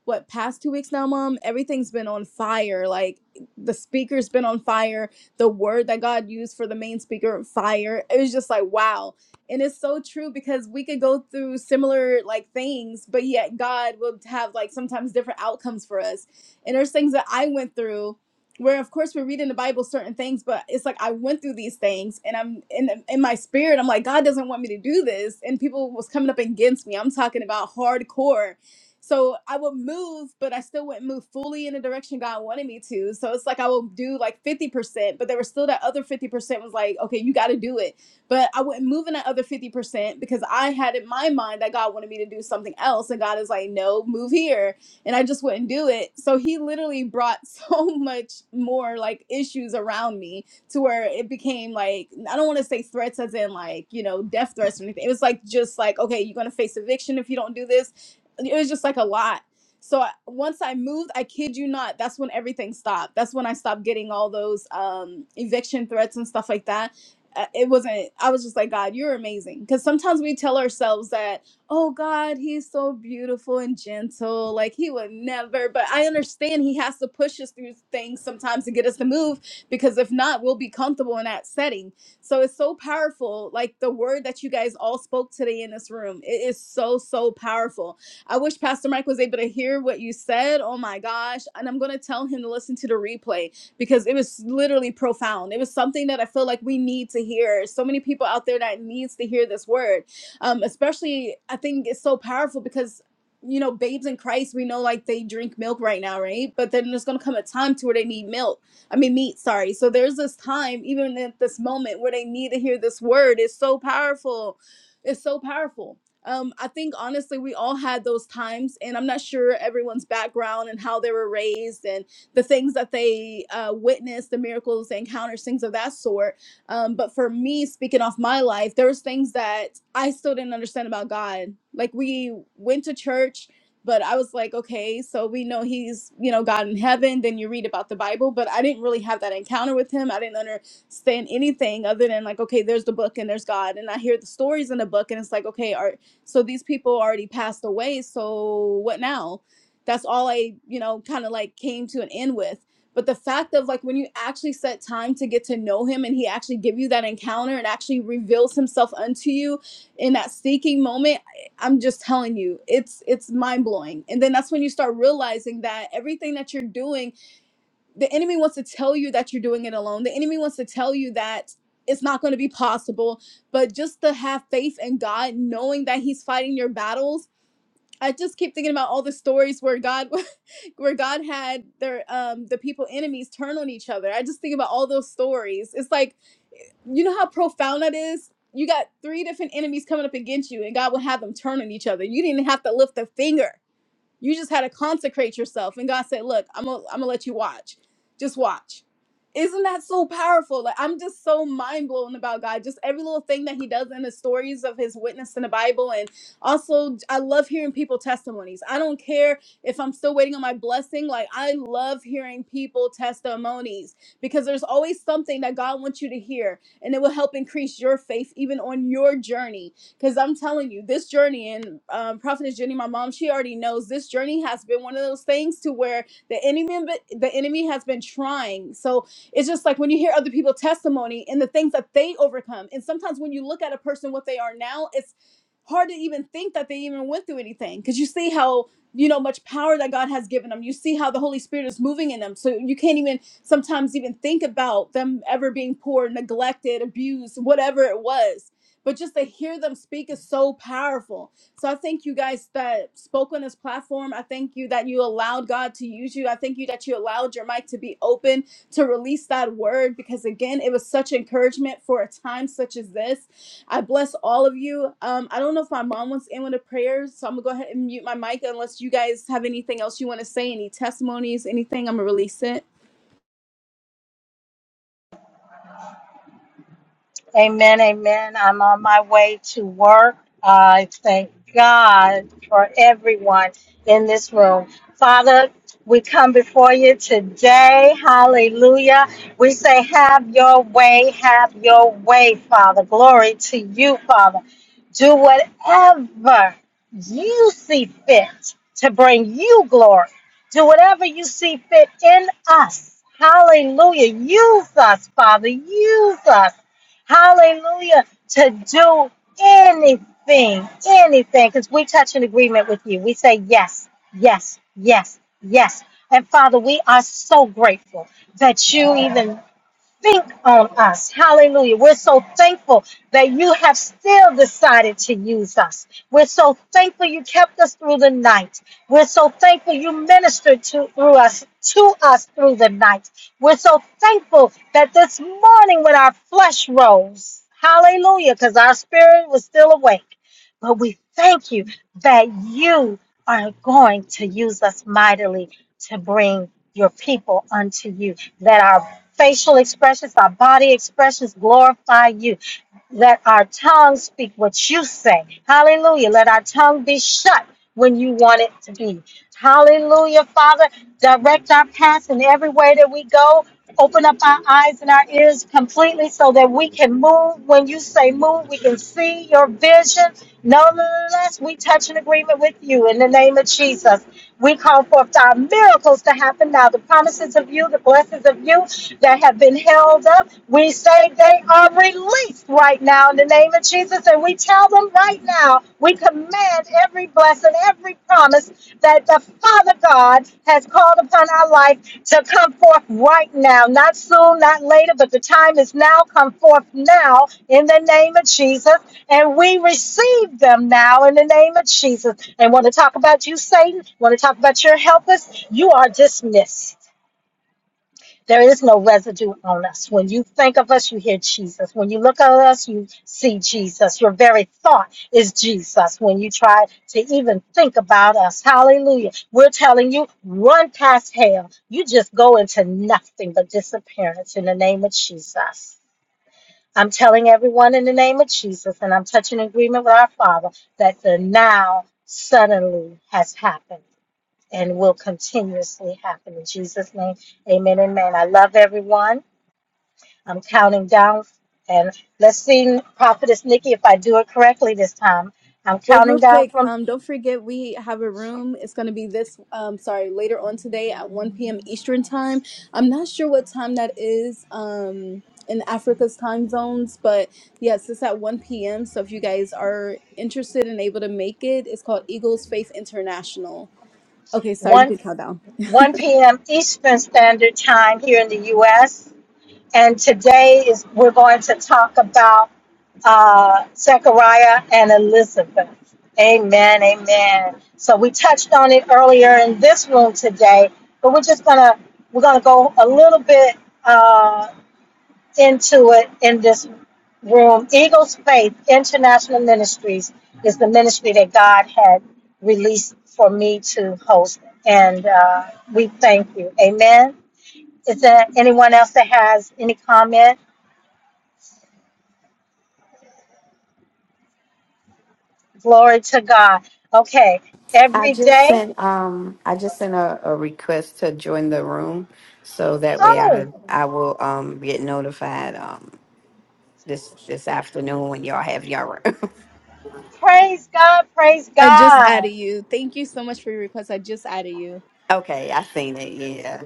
A: what past two weeks now, mom, everything's been on fire. Like the speaker's been on fire. The word that God used for the main speaker, fire. It was just like wow, and it's so true because we could go through similar like things, but yet God will have like sometimes different outcomes for us. And there's things that I went through where of course we read in the bible certain things but it's like i went through these things and i'm in, in my spirit i'm like god doesn't want me to do this and people was coming up against me i'm talking about hardcore so I would move, but I still wouldn't move fully in the direction God wanted me to. So it's like I would do like 50%, but there was still that other 50% was like, okay, you got to do it. But I wouldn't move in that other 50% because I had in my mind that God wanted me to do something else. And God is like, no, move here. And I just wouldn't do it. So he literally brought *laughs* so much more like issues around me to where it became like I don't want to say threats as in like you know death threats or anything. It was like just like okay, you're gonna face eviction if you don't do this it was just like a lot. So I, once I moved, I kid you not, that's when everything stopped. That's when I stopped getting all those um, eviction threats and stuff like that. Uh, It wasn't, I was just like, God, you're amazing. Because sometimes we tell ourselves that, oh, God, he's so beautiful and gentle. Like he would never, but I understand he has to push us through things sometimes to get us to move because if not, we'll be comfortable in that setting. So it's so powerful. Like the word that you guys all spoke today in this room, it is so, so powerful I wish Pastor Mike was able to hear what you said. Oh my gosh. And I'm going to tell him to listen to the replay because it was literally profound. It was something that I feel like we need to hear. So many people out there that needs to hear this word. Um, especially I think it's so powerful because you know, babes in Christ, we know like they drink milk right now, right? But then there's gonna come a time to where they need milk. I mean meat, sorry. So there's this time, even at this moment, where they need to hear this word. It's so powerful. It's so powerful um, I think honestly, we all had those times, and I'm not sure everyone's background and how they were raised and the things that they uh, witnessed, the miracles, the encounters, things of that sort. Um, but for me, speaking off my life, there was things that I still didn't understand about God. Like we went to church, but I was like, okay, so we know He's you know God in heaven. Then you read about the Bible, but I didn't really have that encounter with Him. I didn't understand anything other than like, okay, there's the book and there's God, and I hear the stories in the book, and it's like, okay, are so these people already passed away. So what now? That's all I, you know, kind of like came to an end with. But the fact of like when you actually set time to get to know him and he actually give you that encounter and actually reveals himself unto you in that seeking moment, I- I'm just telling you, it's it's mind blowing. And then that's when you start realizing that everything that you're doing the enemy wants to tell you that you're doing it alone. The enemy wants to tell you that it's not going to be possible. But just to have faith in God, knowing that He's fighting your battles. I just keep thinking about all the stories where God, *laughs* where God had their um the people enemies turn on each other. I just think about all those stories. It's like, you know how profound that is. You got three different enemies coming up against you, and God will have them turn on each other. You didn't have to lift a finger you just had to consecrate yourself. And God said, Look, I'm gonna I'm gonna let you watch. Just watch. Isn't that so powerful? Like I'm just so mind blown about God. Just every little thing that He does in the stories of His witness in the Bible, and also I love hearing people testimonies. I don't care if I'm still waiting on my blessing. Like I love hearing people testimonies because there's always something that God wants you to hear, and it will help increase your faith even on your journey because I'm telling you, this journey and um, Prophetess Jenny, my mom, she already knows this journey has been one of those things to where the enemy, the enemy has been trying. So it's just like when you hear other people's testimony and the things that they overcome, and sometimes when you look at a person what they are now, it's hard to even think that they even went through anything because you see how you know much power that God has given them. You see how the Holy Spirit is moving in them, so you can't even sometimes even think about them ever being poor, neglected, abused, whatever it was but just to hear them speak is so powerful. So I thank you guys that spoke on this platform. I thank you that you allowed God to use you. I thank you that you allowed your mic to be open to release that word because again, it was such encouragement for a time such as this. I bless all of you. Um, I don't know if my mom wants in with a prayer, so I'm gonna go ahead and mute my mic unless you guys have anything else you want to say, any testimonies, anything. I'm gonna release it.
B: Amen, amen. I'm on my way to work. I thank God for everyone in this room. Father, we come before you today. Hallelujah. We say, Have your way, have your way, Father. Glory to you, Father. Do whatever you see fit to bring you glory. Do whatever you see fit in us. Hallelujah. Use us, Father. Use us. Hallelujah. To do anything, anything, because we touch an agreement with you. We say yes, yes, yes, yes. And Father, we are so grateful that you even think on us. Hallelujah. We're so thankful that you have still decided to use us. We're so thankful you kept us through the night. We're so thankful you ministered to through us to us through the night. We're so thankful that this morning when our flesh rose, hallelujah, because our spirit was still awake. But we thank you that you are going to use us mightily to bring your people unto you, that our facial expressions, our body expressions glorify you. Let our tongue speak what you say. Hallelujah. Let our tongue be shut when you want it to be. Hallelujah, Father. Direct our paths in every way that we go. Open up our eyes and our ears completely so that we can move. When you say move, we can see your vision. Nonetheless, we touch an agreement with you in the name of Jesus. We call forth our miracles to happen now. The promises of you, the blessings of you that have been held up, we say they are released streets right now in the name of Jesus. And we tell them right now, we command every blessing, every promise that the Father God has called upon our life to come forth right now. Not soon, not later, but the time is now. Come forth now in the name of Jesus. And we receive them now in the name of Jesus. And want to talk about you, Satan? Want to talk about your helpers? You are dismissed. There is no residue on us. When you think of us, you hear Jesus. When you look at us, you see Jesus. Your very thought is Jesus. When you try to even think about us, hallelujah. We're telling you, run past hell. You just go into nothing but disappearance in the name of Jesus. I'm telling everyone in the name of Jesus, and I'm touching agreement with our Father that the now suddenly has happened and will continuously happen. In Jesus' name, amen, amen. I love everyone. I'm counting down, and let's see, Prophetess Nikki, if I do it correctly this time. I'm
A: Well,
B: counting
A: real
B: down
A: quick,
B: from
A: um, don't forget we have a room. It's going to be this, um, sorry, later on today at 1 p.m. Eastern time. I'm not sure what time that is um, in Africa's time zones, but yes, it's at 1 p.m. So if you guys are interested and able to make it, it's called Eagles Faith International. Okay, sorry, you
B: 1,
A: can count down.
B: 1 p.m. Eastern Standard Time here in the U.S. And today is we're going to talk about uh, Zechariah and Elizabeth. Amen, amen. So we touched on it earlier in this room today, but we're just gonna we're gonna go a little bit uh, into it in this room. Eagles Faith International Ministries is the ministry that God had released for me to host, and uh, we thank you. Amen. Is there anyone else that has any comment? Glory to God. Okay,
E: I
B: every
E: just
B: day.
E: sent um I just sent a, a request to join the room so that way I
B: Oh,
E: I will um get notified um this this afternoon when y'all have y'all room.
B: praise God, praise
A: I just added
B: God,
A: you. Thank you so much for your request. I just added you.
E: *laughs* okay, I seen it, yeah.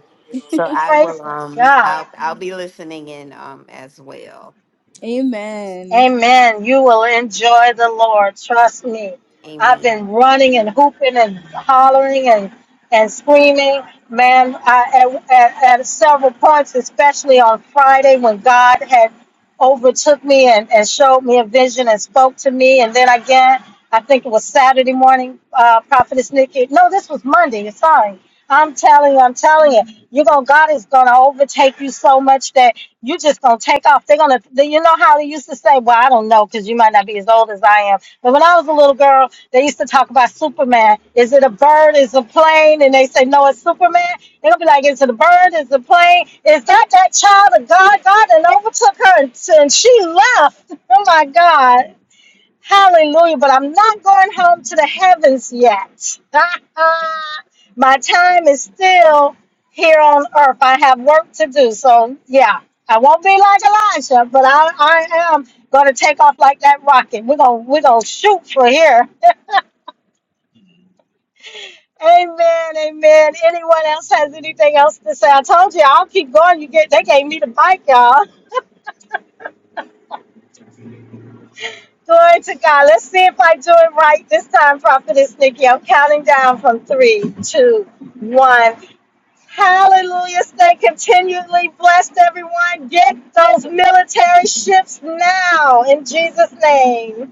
E: So I
B: praise
E: will um
B: God.
E: I'll I'll be listening in um as well.
A: *laughs* Amen.
B: Amen. You will enjoy the Lord. Trust me. I've
E: Amen.
B: been running and hooping and hollering and, and screaming. Man, I, at, at, at several points, especially on Friday when God had overtook me and, and showed me a vision and spoke to me. And then again, I think it was Saturday morning, uh, Prophetess Nikki. No, this was Monday. Sorry. I'm telling you, I'm telling you, you're gonna God is gonna overtake you so much that you're just gonna take off. They're gonna, you know how they used to say say, well, I don't know, because you might not be as old as I am. But when I was a little girl, they used to talk about Superman. Is it a bird? Is it a plane? And they say, no, it's Superman. It'll be like, is it a bird? Is it a plane? Is that that child of God? God and overtook her and, and she left. *laughs* Oh my God. Hallelujah. But I'm not going home to the heavens yet. *laughs* My time is still here on earth. I have work to do. So, yeah, I won't be like Elijah, but I, I am going to take off like that rocket. We're going we're gonna shoot for here. Amen. Amen. Anyone else has anything else to say? I told you I'll keep going. You get they gave me the bike, y'all. Glory to God. Let's see if I do it right this time, Prophetess Nikki. I'm counting down from three, two, one. Hallelujah. Stay continually blessed, everyone. Get those military ships now in Jesus' name.